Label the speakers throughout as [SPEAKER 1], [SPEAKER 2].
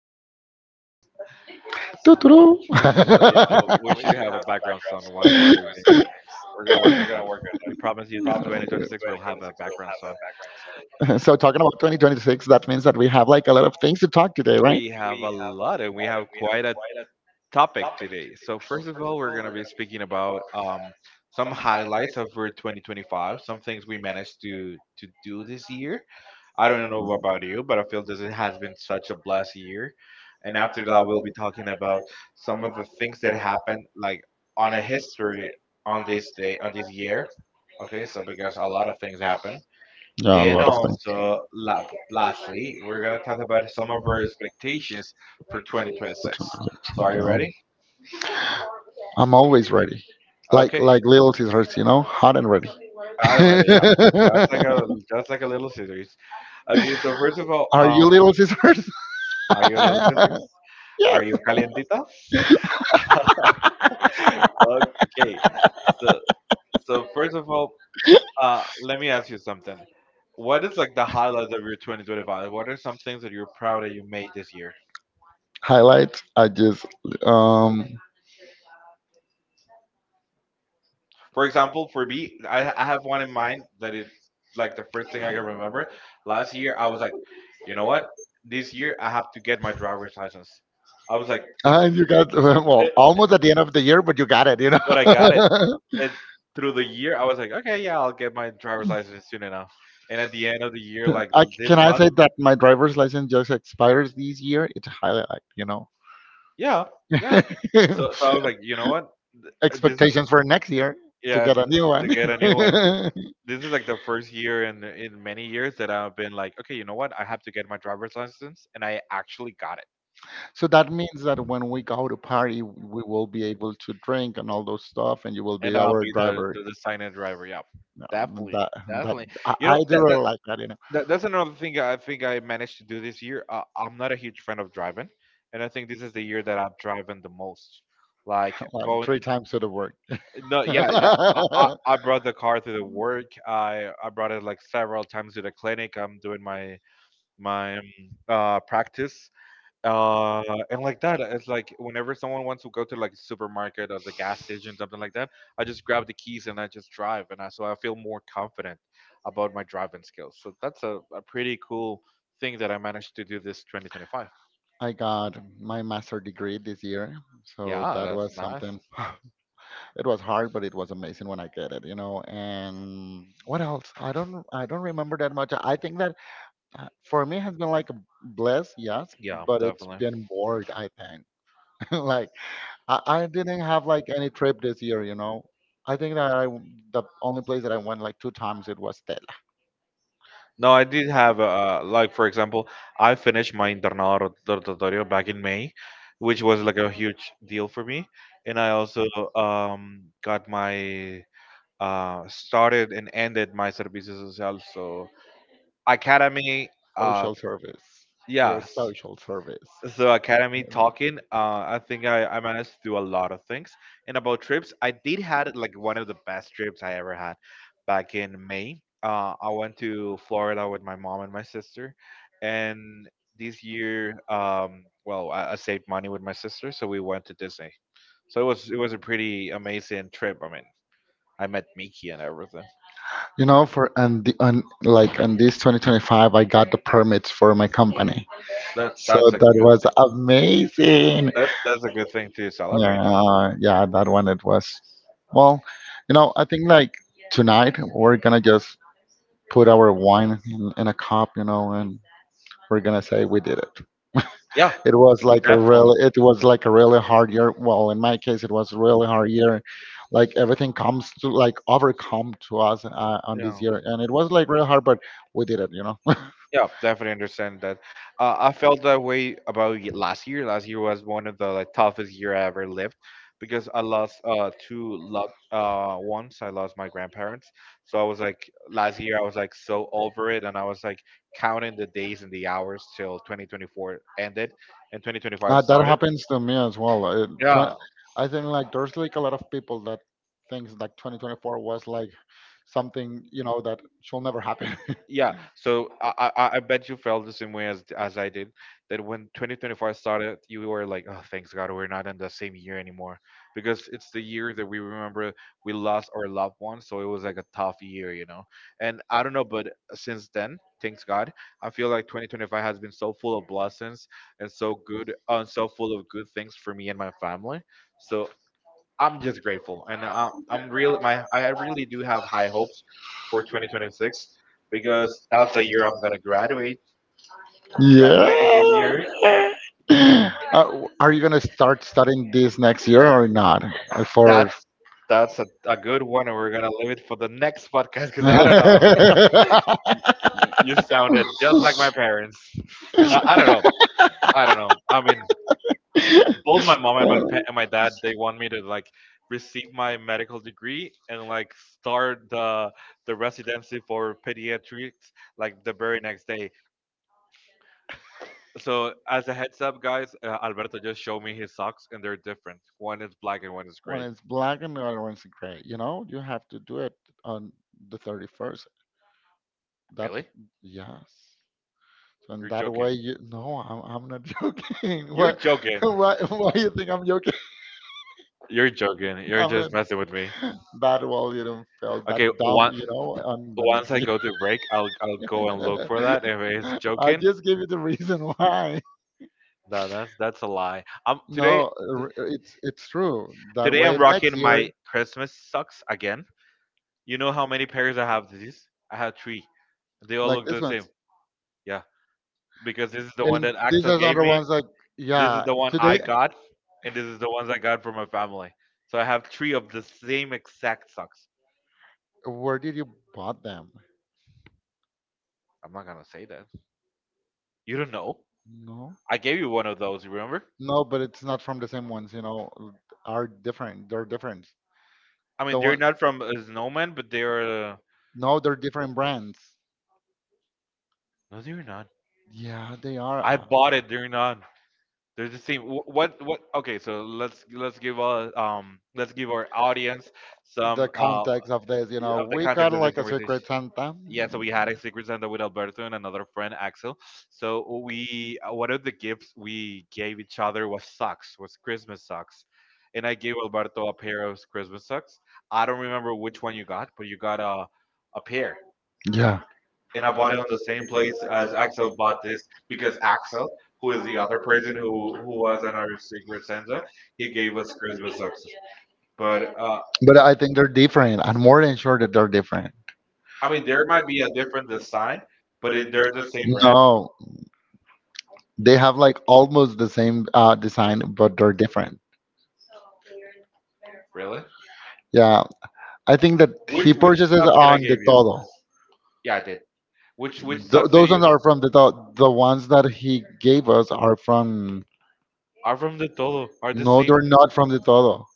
[SPEAKER 1] So,
[SPEAKER 2] Tuturú.
[SPEAKER 1] so yeah, I wish you have a background song once we say your name. We're going to work on that. We promise you this 2026, we'll have a background song.
[SPEAKER 2] So talking about 2026, that means that we have like a lot of things to talk today, right?
[SPEAKER 1] We have a lot, and we have quite a topic today. So, first of all, we're going to be speaking about some highlights of our 2025, some things we managed to do this year. I don't know about you, but I feel this has been such a blessed year. And after that, we'll be talking about some of the things that happened, like on a history on this day, on this year. Okay, so because a lot of things happen,
[SPEAKER 2] Yeah, a
[SPEAKER 1] and
[SPEAKER 2] lot of things.
[SPEAKER 1] also
[SPEAKER 2] Yeah.
[SPEAKER 1] lastly, we're gonna talk about some of our expectations for 2026. So, are you ready?
[SPEAKER 2] I'm always ready. Like
[SPEAKER 1] Okay,
[SPEAKER 2] like little scissors, you know, hot and ready.
[SPEAKER 1] I'm ready. Yeah, that's like a that's like a little scissors. Okay, so first of all,
[SPEAKER 2] Are you little scissors?
[SPEAKER 1] are you a little scissors?
[SPEAKER 2] Yes.
[SPEAKER 1] Are you calientita? Okay. So so first of all, let me ask you something. What is like the highlight of your 2025? What are some things that you're proud that you made this year?
[SPEAKER 2] Highlights. I just um.
[SPEAKER 1] For example, for me, I have one in mind that it like the first thing I can remember. Last year, I was like, you know what? This year, I have to get my driver's license. I was like,
[SPEAKER 2] And you got, well,
[SPEAKER 1] it-
[SPEAKER 2] almost at the end of the year, but you got it. You know.
[SPEAKER 1] but I got it. And through the year, I was like, okay, yeah, I'll get my driver's license soon enough. And at the end of the year, like
[SPEAKER 2] I
[SPEAKER 1] this
[SPEAKER 2] can I
[SPEAKER 1] month.
[SPEAKER 2] say that my driver's license just expires this year. It's highly like you know
[SPEAKER 1] Yeah, yeah. So, so I was like, you know what? Th- This,
[SPEAKER 2] Expectations for next year, to
[SPEAKER 1] yeah,
[SPEAKER 2] get a new
[SPEAKER 1] to
[SPEAKER 2] one.
[SPEAKER 1] get a new one. This is like the first year in many years that I've been like, okay, you know what? I have to get my driver's license, and I actually got it,
[SPEAKER 2] So that means that when we go to party, we will be able to drink and all those stuff, and you will be
[SPEAKER 1] and I'll
[SPEAKER 2] our
[SPEAKER 1] be the
[SPEAKER 2] driver.
[SPEAKER 1] the, the sign-in driver. Yeah,
[SPEAKER 2] No,
[SPEAKER 1] definitely,
[SPEAKER 2] that that
[SPEAKER 1] definitely.
[SPEAKER 2] I,
[SPEAKER 1] You know,
[SPEAKER 2] do really like that, you know.
[SPEAKER 1] that's another thing I think I managed to do this year. I'm not a huge fan of driving, and I think this is the year that I've driven the most. Like going.
[SPEAKER 2] Three times to the word.
[SPEAKER 1] No, yeah, yeah. I brought the car to the work. I brought it like several times to the clinic. I'm doing my practice. Uh, and like that, it's like whenever someone wants to go to like supermarket or the gas station, something like that, I just grab the keys and I just drive, and I so I feel more confident about my driving skills. So that's a pretty cool thing that I managed to do this 2025.
[SPEAKER 2] I got my master degree this year, so
[SPEAKER 1] Yeah,
[SPEAKER 2] that
[SPEAKER 1] that's
[SPEAKER 2] was
[SPEAKER 1] nice.
[SPEAKER 2] something. It was hard, but it was amazing when I get it, you know. And what else? I don't remember that much. I think that, for me, has been like a bless, yes,
[SPEAKER 1] Yeah,
[SPEAKER 2] but it's
[SPEAKER 1] definitely.
[SPEAKER 2] been bored. I think like I didn't have like any trip this year, you know. I think that the only place that I went, like, two times, it was Tet.
[SPEAKER 1] No, I did have like for example, I finished my internado rotatorio back in May, which was like a huge deal for me, and I also got my started and ended my servicio social, so academy uh
[SPEAKER 2] Social service. Your
[SPEAKER 1] yes
[SPEAKER 2] social service.
[SPEAKER 1] so academy
[SPEAKER 2] Mhm.
[SPEAKER 1] talking, I think I managed to do a lot of things. And about trips, I did had like one of the best trips I ever had back in May. I went to Florida with my mom and my sister, and this year, well, I saved money with my sister, so we went to Disney. So it was a pretty amazing trip. I mean, I met Mickey and everything.
[SPEAKER 2] You know, for and the on like on this 2025, I got the permits for my company. So
[SPEAKER 1] That's a
[SPEAKER 2] that
[SPEAKER 1] good
[SPEAKER 2] was amazing.
[SPEAKER 1] that's a good thing to celebrate.
[SPEAKER 2] Yeah, yeah, that one it was. Well, you know, I think like tonight we're gonna just put our wine in, a cup, you know, and we're gonna say we did it.
[SPEAKER 1] Yeah,
[SPEAKER 2] It was like a
[SPEAKER 1] definitely.
[SPEAKER 2] really, it was like a really hard year. Well, in my case, it was really hard year. Like everything comes to like overcome to us on this
[SPEAKER 1] Yeah.
[SPEAKER 2] year, and it was like really hard, but we did it, you know.
[SPEAKER 1] Yeah, definitely understand that. I felt that way about last year. Last year was one of the like, toughest year I ever lived because I lost two loved once. I lost my grandparents, so I was like last year I was like so over it, and I was like counting the days and the hours till 2024 ended and 2025
[SPEAKER 2] That
[SPEAKER 1] started.
[SPEAKER 2] happens to me as well. Twen-
[SPEAKER 1] Yeah,
[SPEAKER 2] I think like there's like a lot of people that thinks like 2024 was like something, you know, that should never happen.
[SPEAKER 1] yeah, so I bet you felt the same way as I did that when 2025 started you were like oh thanks god we're not in the same year anymore because it's the year that we remember we lost our loved ones so it was like a tough year, you know, and I don't know, but since then thanks god I feel like 2025 has been so full of blessings and so good, and so full of good things for me and my family. So I'm just grateful, and I really do have high hopes for 2026 because that's the year I'm gonna graduate. I'm
[SPEAKER 2] Yeah.
[SPEAKER 1] graduating this year.
[SPEAKER 2] Are you gonna start studying this next year or not? For
[SPEAKER 1] That's that's a good one, and we're gonna leave it for the next podcast because I don't know.
[SPEAKER 2] I,
[SPEAKER 1] You sounded just like my parents. I
[SPEAKER 2] I
[SPEAKER 1] don't know.
[SPEAKER 2] don't know.
[SPEAKER 1] I don't know. I mean, both
[SPEAKER 2] Both
[SPEAKER 1] my
[SPEAKER 2] my mom
[SPEAKER 1] mom and
[SPEAKER 2] and
[SPEAKER 1] my and
[SPEAKER 2] my
[SPEAKER 1] my
[SPEAKER 2] dad,
[SPEAKER 1] dad
[SPEAKER 2] they
[SPEAKER 1] they want
[SPEAKER 2] want me
[SPEAKER 1] me
[SPEAKER 2] to
[SPEAKER 1] to
[SPEAKER 2] like.
[SPEAKER 1] like receive my medical degree and like start the residency for pediatrics like the very next day. So, as a heads up, guys, Alberto just showed me his socks, and they're different. One is black and one is
[SPEAKER 2] One
[SPEAKER 1] gray.
[SPEAKER 2] is black and the other one's gray. You know, you have to do it on the 31st. That,
[SPEAKER 1] Really?
[SPEAKER 2] really? Yes. So in are you
[SPEAKER 1] You're
[SPEAKER 2] that way,
[SPEAKER 1] joking.
[SPEAKER 2] joking? You, no, I'm not joking.
[SPEAKER 1] You're
[SPEAKER 2] Why,
[SPEAKER 1] joking.
[SPEAKER 2] why you think I'm joking?
[SPEAKER 1] You're joking.
[SPEAKER 2] You're,
[SPEAKER 1] You're
[SPEAKER 2] I'm not
[SPEAKER 1] just
[SPEAKER 2] joking.
[SPEAKER 1] messing with me.
[SPEAKER 2] That's what. That, well, you don't feel that.
[SPEAKER 1] Okay,
[SPEAKER 2] Okay, dumb,
[SPEAKER 1] one,
[SPEAKER 2] you know, on the what? Next
[SPEAKER 1] once I
[SPEAKER 2] year.
[SPEAKER 1] go to break, I'll
[SPEAKER 2] What if
[SPEAKER 1] go and look for that. If
[SPEAKER 2] we
[SPEAKER 1] it's
[SPEAKER 2] are I joking?
[SPEAKER 1] joking,
[SPEAKER 2] Just give you the reason why.
[SPEAKER 1] no, that's a lie. Today
[SPEAKER 2] No, r- It's true. That
[SPEAKER 1] today
[SPEAKER 2] way
[SPEAKER 1] I'm
[SPEAKER 2] next
[SPEAKER 1] rocking my
[SPEAKER 2] year,
[SPEAKER 1] Christmas socks again. You know how many pairs I have? This I have three. They all
[SPEAKER 2] like
[SPEAKER 1] look
[SPEAKER 2] this
[SPEAKER 1] the same.
[SPEAKER 2] ones,
[SPEAKER 1] Yeah, because this is the
[SPEAKER 2] and
[SPEAKER 1] one that
[SPEAKER 2] these
[SPEAKER 1] Axel
[SPEAKER 2] are the
[SPEAKER 1] gave
[SPEAKER 2] other
[SPEAKER 1] me.
[SPEAKER 2] ones. Like,
[SPEAKER 1] This is
[SPEAKER 2] yeah.
[SPEAKER 1] the one I
[SPEAKER 2] Today,
[SPEAKER 1] got, and this is the ones I got from my family. So I have three of the same exact socks.
[SPEAKER 2] where did you bought them?
[SPEAKER 1] I'm not gonna say that. You don't know.
[SPEAKER 2] No,
[SPEAKER 1] I gave you one of those. You remember?
[SPEAKER 2] no, but it's not from the same ones. You know, are different. They're different.
[SPEAKER 1] I mean,
[SPEAKER 2] The
[SPEAKER 1] they're
[SPEAKER 2] one,
[SPEAKER 1] not from a snowman, but they're.
[SPEAKER 2] no, they're different brands.
[SPEAKER 1] No, they're not.
[SPEAKER 2] Yeah, they are.
[SPEAKER 1] I bought it. They're not. They're the same. What? What? Okay, so let's give our let's give our audience
[SPEAKER 2] The
[SPEAKER 1] some
[SPEAKER 2] context of this, you know,
[SPEAKER 1] of the
[SPEAKER 2] we
[SPEAKER 1] context
[SPEAKER 2] got
[SPEAKER 1] of this.
[SPEAKER 2] like a secret Santa.
[SPEAKER 1] Yeah, so we had a secret Santa with Alberto and another friend, Axel. So we, one of the gifts we gave each other was socks, was Christmas socks. And I gave Alberto a pair of Christmas socks. I don't remember which one you got, but you got a pair.
[SPEAKER 2] Yeah,
[SPEAKER 1] And I bought it on the same place as Axel bought this because Axel, who is the other person who was on our secret Santa, he gave us Christmas socks. But
[SPEAKER 2] but I think they're different. I'm more than sure that they're different.
[SPEAKER 1] I mean, there might be a different design, but they're the same brand,
[SPEAKER 2] No, they have like almost the same design, but they're different.
[SPEAKER 1] really.
[SPEAKER 2] Yeah, I think that he
[SPEAKER 1] Which
[SPEAKER 2] purchases
[SPEAKER 1] socks did I
[SPEAKER 2] on the
[SPEAKER 1] give you?
[SPEAKER 2] Todo.
[SPEAKER 1] Yeah, I did. Which socks did
[SPEAKER 2] Those company ones
[SPEAKER 1] you
[SPEAKER 2] are from the Todo. The ones that he gave us are from.
[SPEAKER 1] are from the Tolo? Are the
[SPEAKER 2] No,
[SPEAKER 1] same?
[SPEAKER 2] they're not from the Todo.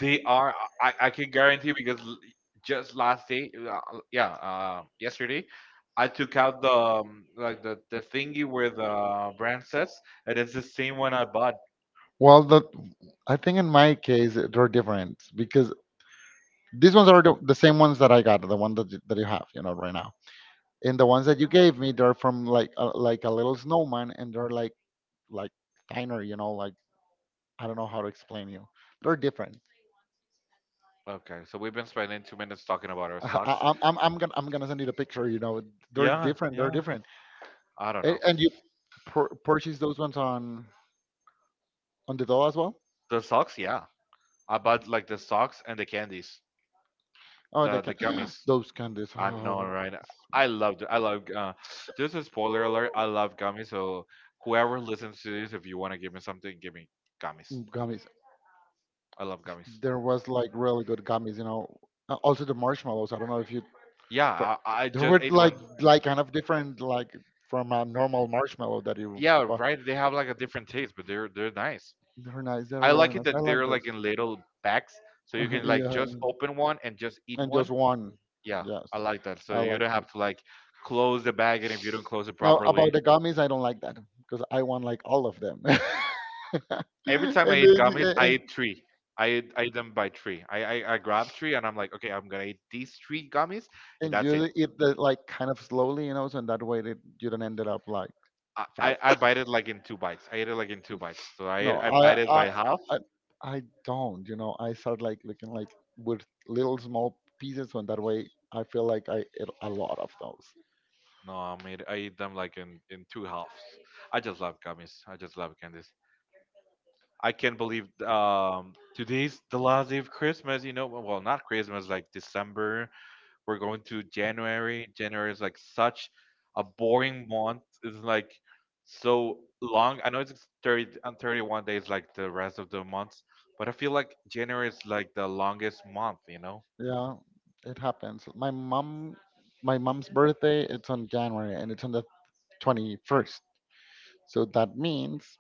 [SPEAKER 1] They are. I can guarantee because just last day, yeah, yesterday, I took out the like the thingy where the brand says, and it's the same one I bought.
[SPEAKER 2] Well, I think in my case they're different because these ones are the same ones that I got, the one that you have, you know, right now. And the ones that you gave me, they're from like a little snowman, and they're like like thinner, you know, like, I don't know how to explain you. They're different.
[SPEAKER 1] Okay, so we've been spending 2 minutes talking about our
[SPEAKER 2] I,
[SPEAKER 1] socks.
[SPEAKER 2] I- I'm I'm I'm gonna I'm gonna send you the picture. You know, they're
[SPEAKER 1] Yeah,
[SPEAKER 2] different. They're
[SPEAKER 1] yeah.
[SPEAKER 2] different.
[SPEAKER 1] I don't
[SPEAKER 2] And,
[SPEAKER 1] know.
[SPEAKER 2] and you purchase those ones on the doll as well.
[SPEAKER 1] The socks, yeah. I bought like the socks and the candies,
[SPEAKER 2] Oh, they
[SPEAKER 1] the
[SPEAKER 2] can
[SPEAKER 1] gummies.
[SPEAKER 2] those candies.
[SPEAKER 1] I know,
[SPEAKER 2] Oh,
[SPEAKER 1] right? I loved it. I love just a spoiler alert, I love gummies, so whoever listens to this, if you wanna give me something, give me gummies.
[SPEAKER 2] gummies.
[SPEAKER 1] I love gummies.
[SPEAKER 2] There was like really good gummies, you know. Also the marshmallows. I don't know if you.
[SPEAKER 1] Yeah,
[SPEAKER 2] tr-
[SPEAKER 1] I
[SPEAKER 2] There
[SPEAKER 1] just
[SPEAKER 2] were
[SPEAKER 1] ate
[SPEAKER 2] like
[SPEAKER 1] one.
[SPEAKER 2] like kind of different, like from a normal marshmallow that you.
[SPEAKER 1] Yeah,
[SPEAKER 2] bu-
[SPEAKER 1] right. They have like a different taste, but they're nice.
[SPEAKER 2] They're nice. They're
[SPEAKER 1] I
[SPEAKER 2] really
[SPEAKER 1] like it
[SPEAKER 2] nice. I
[SPEAKER 1] that
[SPEAKER 2] like
[SPEAKER 1] they're like
[SPEAKER 2] those.
[SPEAKER 1] in little bags, so you can like
[SPEAKER 2] Yeah,
[SPEAKER 1] just open one and just eat
[SPEAKER 2] and
[SPEAKER 1] one.
[SPEAKER 2] just one.
[SPEAKER 1] Yeah,
[SPEAKER 2] Yes,
[SPEAKER 1] I like that. So
[SPEAKER 2] I
[SPEAKER 1] you
[SPEAKER 2] like.
[SPEAKER 1] don't have to like close the bag, and if you don't close it
[SPEAKER 2] Now
[SPEAKER 1] properly.
[SPEAKER 2] about the gummies, I don't like that because I want like all of them. And
[SPEAKER 1] Every
[SPEAKER 2] then,
[SPEAKER 1] time I eat gummies, I
[SPEAKER 2] and,
[SPEAKER 1] eat three. I eat them by three. I grab three and I'm like, okay, I'm gonna eat these three gummies and that's it.
[SPEAKER 2] you eat the, like, kind of slowly, you know, so that way that you don't end up like
[SPEAKER 1] I, I,
[SPEAKER 2] fat.
[SPEAKER 1] I bite it like in two bites. I eat it like in two bites. So I
[SPEAKER 2] No,
[SPEAKER 1] I bite it
[SPEAKER 2] I,
[SPEAKER 1] by half.
[SPEAKER 2] I, I don't. You know, I start like looking like with little small pieces, and that way I feel like I ate a lot of those.
[SPEAKER 1] No, I eat them like in two halves. I just love gummies. I just love candies. I can't believe today's the last day of Christmas. You know, well not Christmas, like December. We're going to January. January is like such a boring month. It's like so long. I know it's 30 and 31 days like the rest of the months, but I feel like January is like the longest month, you know?
[SPEAKER 2] Yeah, it happens. My mom, my mom's birthday, it's on January, and it's on the 21st. So that means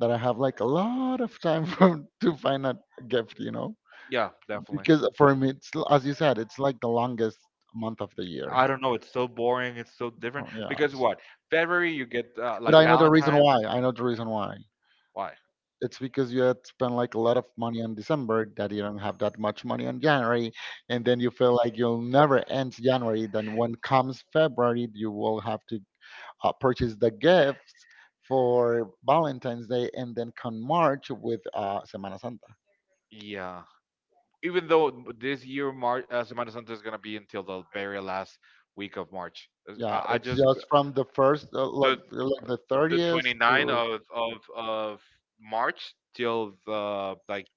[SPEAKER 2] that I have like a lot of time for, to find a gift, you know,
[SPEAKER 1] Yeah, definitely.
[SPEAKER 2] because for me, as you said, it's like the longest month of the year.
[SPEAKER 1] I don't know. It's so boring. It's so different.
[SPEAKER 2] Oh, yeah,
[SPEAKER 1] Because what? February, you get
[SPEAKER 2] but
[SPEAKER 1] like
[SPEAKER 2] I know the reason
[SPEAKER 1] Valentine's.
[SPEAKER 2] why. I know the reason why.
[SPEAKER 1] Why?
[SPEAKER 2] It's because you had spent like a lot of money on December that you don't have that much money on January, and then you feel like you'll never end January. Then when comes February, you will have to purchase the gifts for Valentine's Day, and then come March with Semana Santa.
[SPEAKER 1] Yeah. Even though this year, March, Semana Santa is going to be until the very last week of March.
[SPEAKER 2] Yeah,
[SPEAKER 1] I
[SPEAKER 2] it's
[SPEAKER 1] just,
[SPEAKER 2] just from the first,
[SPEAKER 1] the
[SPEAKER 2] like, the
[SPEAKER 1] the
[SPEAKER 2] 30th
[SPEAKER 1] twenty ninth
[SPEAKER 2] to
[SPEAKER 1] of March till the like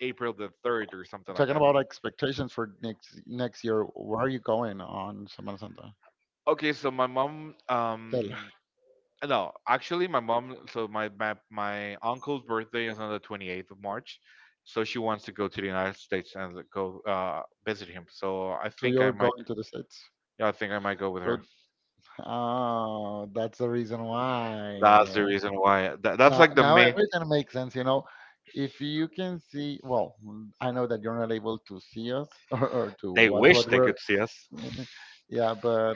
[SPEAKER 1] April the 3rd or something like
[SPEAKER 2] talking
[SPEAKER 1] that.
[SPEAKER 2] about expectations for next year. Where are you going on Semana Santa?
[SPEAKER 1] Okay, so my mom
[SPEAKER 2] Tell-
[SPEAKER 1] no, actually my mom, so my uncle's birthday is on the 28th of March. So she wants to go to the United States and go visit him. So I
[SPEAKER 2] So
[SPEAKER 1] think I
[SPEAKER 2] you're
[SPEAKER 1] might,
[SPEAKER 2] going to the States.
[SPEAKER 1] yeah, I think I might go with
[SPEAKER 2] So,
[SPEAKER 1] her.
[SPEAKER 2] oh, that's the reason
[SPEAKER 1] That's
[SPEAKER 2] why.
[SPEAKER 1] the reason why. That,
[SPEAKER 2] Now,
[SPEAKER 1] that's like
[SPEAKER 2] exactly,
[SPEAKER 1] the
[SPEAKER 2] now
[SPEAKER 1] main,
[SPEAKER 2] everything makes sense. You know, if you can see, well, mm, I know that you're not able to see us or to I
[SPEAKER 1] they
[SPEAKER 2] watch
[SPEAKER 1] wish
[SPEAKER 2] what
[SPEAKER 1] they
[SPEAKER 2] we're,
[SPEAKER 1] could see us.
[SPEAKER 2] yeah, but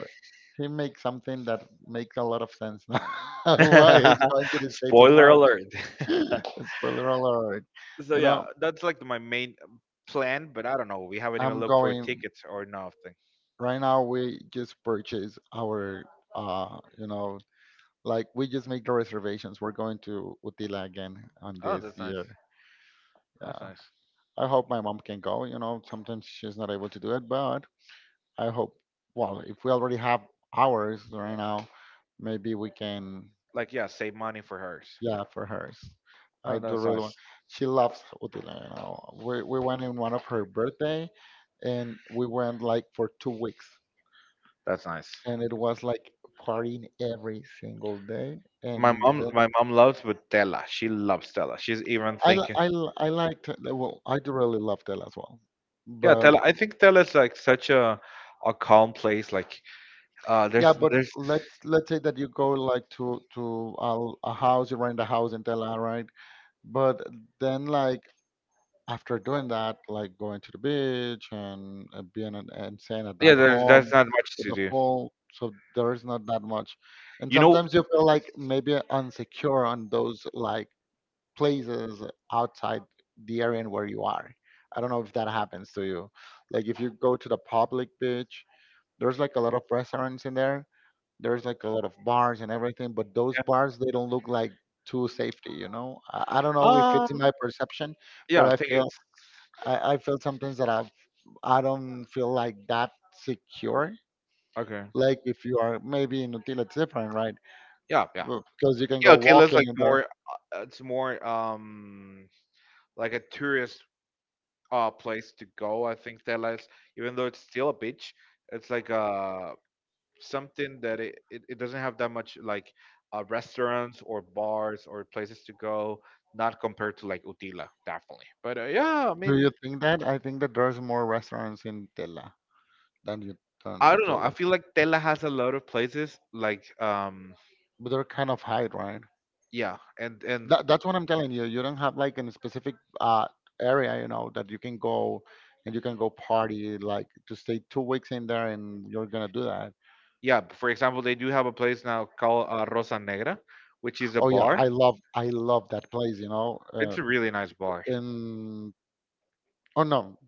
[SPEAKER 2] he makes something that makes a lot of sense now. Why he's going to the States? Spoiler
[SPEAKER 1] Spoiler
[SPEAKER 2] tomorrow?
[SPEAKER 1] alert.
[SPEAKER 2] Alert. Spoiler alert. So you
[SPEAKER 1] So
[SPEAKER 2] yeah,
[SPEAKER 1] yeah,
[SPEAKER 2] know,
[SPEAKER 1] that's like my main plan, but I don't know. We haven't even
[SPEAKER 2] I'm
[SPEAKER 1] looked for
[SPEAKER 2] going
[SPEAKER 1] tickets or nothing.
[SPEAKER 2] right now. We just purchased our, you know, like we just make the reservations. We're going to Utila again on
[SPEAKER 1] Oh,
[SPEAKER 2] this
[SPEAKER 1] that's
[SPEAKER 2] year.
[SPEAKER 1] nice. That's
[SPEAKER 2] Yeah.
[SPEAKER 1] nice.
[SPEAKER 2] I hope my mom can go. You know, sometimes she's not able to do it, but I hope. Well, if we already have ours right now, maybe we can.
[SPEAKER 1] Like yeah, save money for hers. Yeah.
[SPEAKER 2] Yeah, for hers.
[SPEAKER 1] Oh,
[SPEAKER 2] I do
[SPEAKER 1] that's
[SPEAKER 2] really want.
[SPEAKER 1] nice.
[SPEAKER 2] She loves Utila. You know, we went in one of her birthday, and we went like for 2 weeks,
[SPEAKER 1] That's nice.
[SPEAKER 2] and it was like partying every single day, and
[SPEAKER 1] My mom,
[SPEAKER 2] then
[SPEAKER 1] my mom loves with Tella. She loves Tella. She's even thinking,
[SPEAKER 2] I liked it. Well, I do really loved it as well.
[SPEAKER 1] yeah, Tella.
[SPEAKER 2] But
[SPEAKER 1] I think Tella is like such a calm place. Like, there's
[SPEAKER 2] yeah, but
[SPEAKER 1] there's
[SPEAKER 2] let's say that you go like to a house, you rent a house in Tela, right? But then like, after doing that, like going to the beach and, being an, and staying at
[SPEAKER 1] yeah,
[SPEAKER 2] that
[SPEAKER 1] there's
[SPEAKER 2] home
[SPEAKER 1] not much
[SPEAKER 2] with
[SPEAKER 1] to
[SPEAKER 2] the
[SPEAKER 1] do.
[SPEAKER 2] pool, so there is not that much. And
[SPEAKER 1] You know,
[SPEAKER 2] sometimes you feel like maybe insecure on those like places outside the area where you are. I don't know if that happens to you. Like if you go to the public beach, there's like a lot of restaurants in there. There's like a lot of bars and everything, but those bars they don't look like too safety, you know. I don't know if
[SPEAKER 1] uh,
[SPEAKER 2] it's in my perception,
[SPEAKER 1] yeah,
[SPEAKER 2] but
[SPEAKER 1] I
[SPEAKER 2] I
[SPEAKER 1] think
[SPEAKER 2] feel
[SPEAKER 1] it's
[SPEAKER 2] I feel sometimes that I don't feel like that secure.
[SPEAKER 1] okay.
[SPEAKER 2] Like if you are maybe in Utila, it's different, right?
[SPEAKER 1] Yeah, yeah.
[SPEAKER 2] Because you can
[SPEAKER 1] Yeah,
[SPEAKER 2] go
[SPEAKER 1] Otila's
[SPEAKER 2] walking
[SPEAKER 1] like
[SPEAKER 2] in there.
[SPEAKER 1] more. It's more like a tourist place to go. I think Tela, even though it's still a beach, it's like something that it doesn't have that much like restaurants or bars or places to go. Not compared to like Utila, definitely. But yeah, I
[SPEAKER 2] Do
[SPEAKER 1] mean,
[SPEAKER 2] you think that? I think that there's more restaurants in Tela. Then you then
[SPEAKER 1] I don't know. I
[SPEAKER 2] you
[SPEAKER 1] feel like Tela has a lot of places like
[SPEAKER 2] But they're kind of high, right?
[SPEAKER 1] yeah, and
[SPEAKER 2] That's what I'm telling you. You don't have like in a specific uh area, you know, that you can go and you can go party, like to stay 2 weeks in there and you're gonna do that.
[SPEAKER 1] yeah. For example, they do have a place now called Rosa Negra, which is a
[SPEAKER 2] Oh yeah,
[SPEAKER 1] bar.
[SPEAKER 2] I love that place, you know.
[SPEAKER 1] It's a really nice bar.
[SPEAKER 2] In oh no,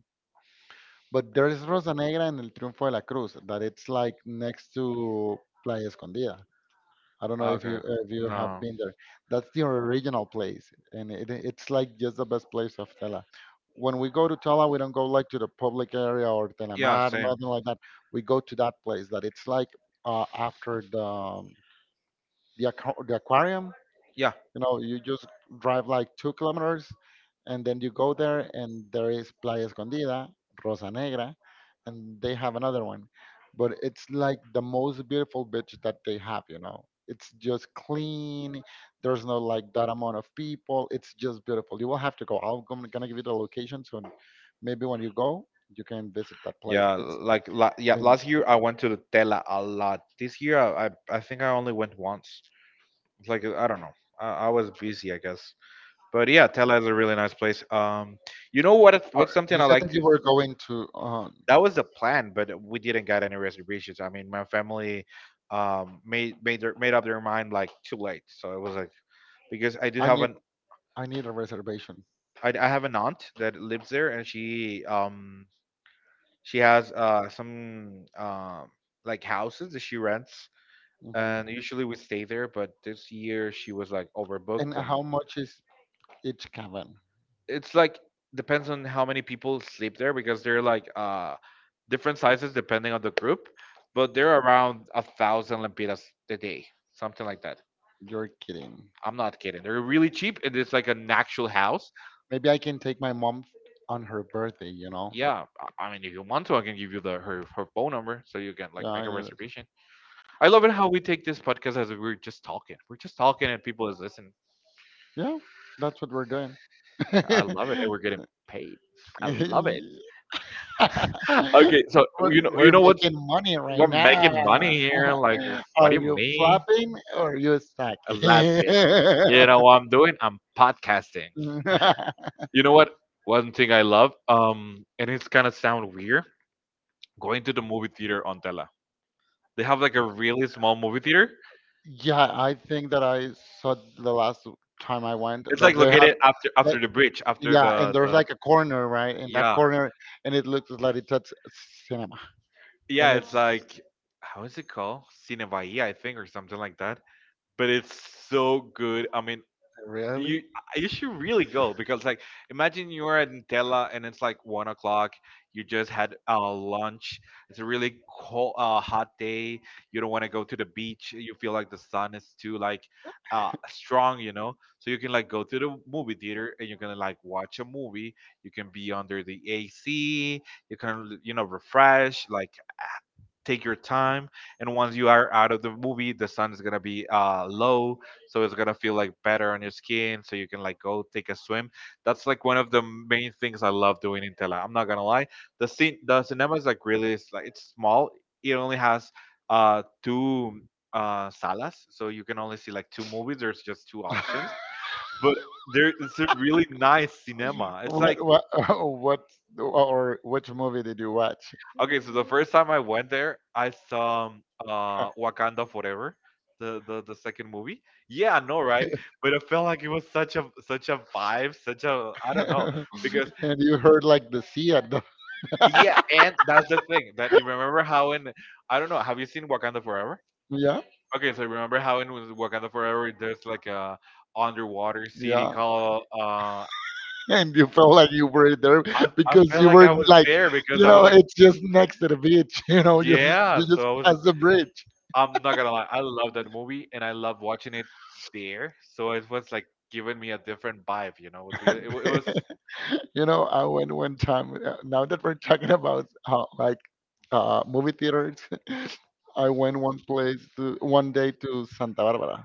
[SPEAKER 2] but there is Rosa Negra and El Triunfo de la Cruz that it's like next to Playa Escondida. I don't know if you,
[SPEAKER 1] Okay.
[SPEAKER 2] if you have
[SPEAKER 1] No.
[SPEAKER 2] been there. That's the original place, and it's like just the best place of Tela. When we go to Tela, we don't go like to the public area or
[SPEAKER 1] Yeah,
[SPEAKER 2] Telamar,
[SPEAKER 1] same.
[SPEAKER 2] nothing like that. We go to that place that it's like, after the aquarium.
[SPEAKER 1] Yeah,
[SPEAKER 2] You know, you just drive like 2 kilometers and then you go there, and there is Playa Escondida, Rosa Negra, and they have another one. But it's like the most beautiful beach that they have, you know. It's just clean. There's no like that amount of people. It's just beautiful. You will have to go. I'm gonna give you the location soon. Maybe when you go, you can visit that place.
[SPEAKER 1] yeah. Like, la yeah.
[SPEAKER 2] And
[SPEAKER 1] Last year I went to the Tela a lot. This year I think I only went once. It's like I don't know. I was busy, I guess. But yeah, Tela is a really nice place. You know what?
[SPEAKER 2] Or
[SPEAKER 1] What's something
[SPEAKER 2] you
[SPEAKER 1] I
[SPEAKER 2] said that
[SPEAKER 1] like to?
[SPEAKER 2] you were going to.
[SPEAKER 1] That was the plan, but we didn't get any reservations. I mean, my family, made up their mind like too late. So it was like, because I do
[SPEAKER 2] I
[SPEAKER 1] have
[SPEAKER 2] need
[SPEAKER 1] an,
[SPEAKER 2] I need a reservation.
[SPEAKER 1] I have an aunt that lives there, and she she has some like houses that she rents,
[SPEAKER 2] Hmm.
[SPEAKER 1] and usually we stay there. But this year she was like
[SPEAKER 2] And
[SPEAKER 1] overbooked, and
[SPEAKER 2] how much is each cabin?
[SPEAKER 1] it's like depends on how many people sleep there because they're like different sizes depending on the group. But they're around a thousand lempiras a day, something like that.
[SPEAKER 2] You're kidding.
[SPEAKER 1] I'm not kidding. They're really cheap, and it's like an actual house.
[SPEAKER 2] Maybe I can take my mom on her birthday, you know?
[SPEAKER 1] Yeah, I mean, if you want to, I can give you the her phone number so you can like
[SPEAKER 2] Yeah,
[SPEAKER 1] make
[SPEAKER 2] I
[SPEAKER 1] a
[SPEAKER 2] need it.
[SPEAKER 1] reservation. I love it how we take this podcast as if we're just talking. We're just talking and people is listening.
[SPEAKER 2] Yeah, that's what we're doing.
[SPEAKER 1] I love it, and we're getting paid. I love it.
[SPEAKER 2] we're,
[SPEAKER 1] Okay, so you
[SPEAKER 2] we're
[SPEAKER 1] know what?
[SPEAKER 2] making money right
[SPEAKER 1] We're making
[SPEAKER 2] now.
[SPEAKER 1] money here. Like, what do
[SPEAKER 2] Are
[SPEAKER 1] you
[SPEAKER 2] you
[SPEAKER 1] mean?
[SPEAKER 2] flopping or are you
[SPEAKER 1] A lot
[SPEAKER 2] stacking?
[SPEAKER 1] bit. You know what I'm doing? I'm podcasting. You know what? One thing I love, and it's gonna sound weird, going to the movie theater on Tela. They have like a really small movie theater.
[SPEAKER 2] yeah, I think that I saw the last time I went
[SPEAKER 1] It's
[SPEAKER 2] that
[SPEAKER 1] like
[SPEAKER 2] they have.
[SPEAKER 1] located after
[SPEAKER 2] Like.
[SPEAKER 1] after the bridge, after
[SPEAKER 2] Yeah, and
[SPEAKER 1] the,
[SPEAKER 2] there's
[SPEAKER 1] the
[SPEAKER 2] like a corner, right? In that
[SPEAKER 1] yeah.
[SPEAKER 2] corner, and it looks like it's a cinema. And
[SPEAKER 1] Yeah, it's
[SPEAKER 2] it's
[SPEAKER 1] like how is it called? Cine Bahia, I think, or something like that. But it's so good. I mean, you
[SPEAKER 2] really
[SPEAKER 1] you should really go because like imagine you are at Nutella and it's like 1 o'clock. You just had lunch. It's a really cold, hot day. You don't want to go to the beach. You feel like the sun is too like strong, you know. So you can like go to the movie theater and you can like watch a movie. You can be under the AC. You can you know refresh like take your time, and once you are out of the movie the sun is gonna be low, so it's gonna feel like better on your skin, so you can like go take a swim. That's like one of the main things I love doing in Tela, I'm not gonna lie. The cinema is like really, it's like it's small. It only has two salas, so you can only see like two movies, there's just two options. But there, it's a really nice cinema, it's like,
[SPEAKER 2] What what or which movie did you watch?
[SPEAKER 1] okay, so the first time I went there, I saw Wakanda Forever, the second movie. Yeah, I know, right? But it felt like it was such a such a vibe, such a I don't know because
[SPEAKER 2] and you heard like the sea at the.
[SPEAKER 1] yeah, and that's the thing that you remember how in, I don't know. Have you seen Wakanda Forever?
[SPEAKER 2] Yeah.
[SPEAKER 1] Okay, so remember how in Wakanda Forever there's like a underwater city
[SPEAKER 2] Yeah,
[SPEAKER 1] called
[SPEAKER 2] and you felt like you were there
[SPEAKER 1] I
[SPEAKER 2] because
[SPEAKER 1] felt
[SPEAKER 2] you
[SPEAKER 1] like
[SPEAKER 2] were
[SPEAKER 1] I was
[SPEAKER 2] like,
[SPEAKER 1] there because
[SPEAKER 2] you
[SPEAKER 1] I was
[SPEAKER 2] know,
[SPEAKER 1] like
[SPEAKER 2] it's just next to the beach. You know, just
[SPEAKER 1] yeah,
[SPEAKER 2] you just
[SPEAKER 1] so I was.
[SPEAKER 2] pass the bridge.
[SPEAKER 1] I'm not gonna lie, I love that movie and I love watching it there. So it was like giving me a different vibe, you know. It was
[SPEAKER 2] You know, I went one time. Now that we're talking about, like, movie theaters, I went one day to Santa Barbara,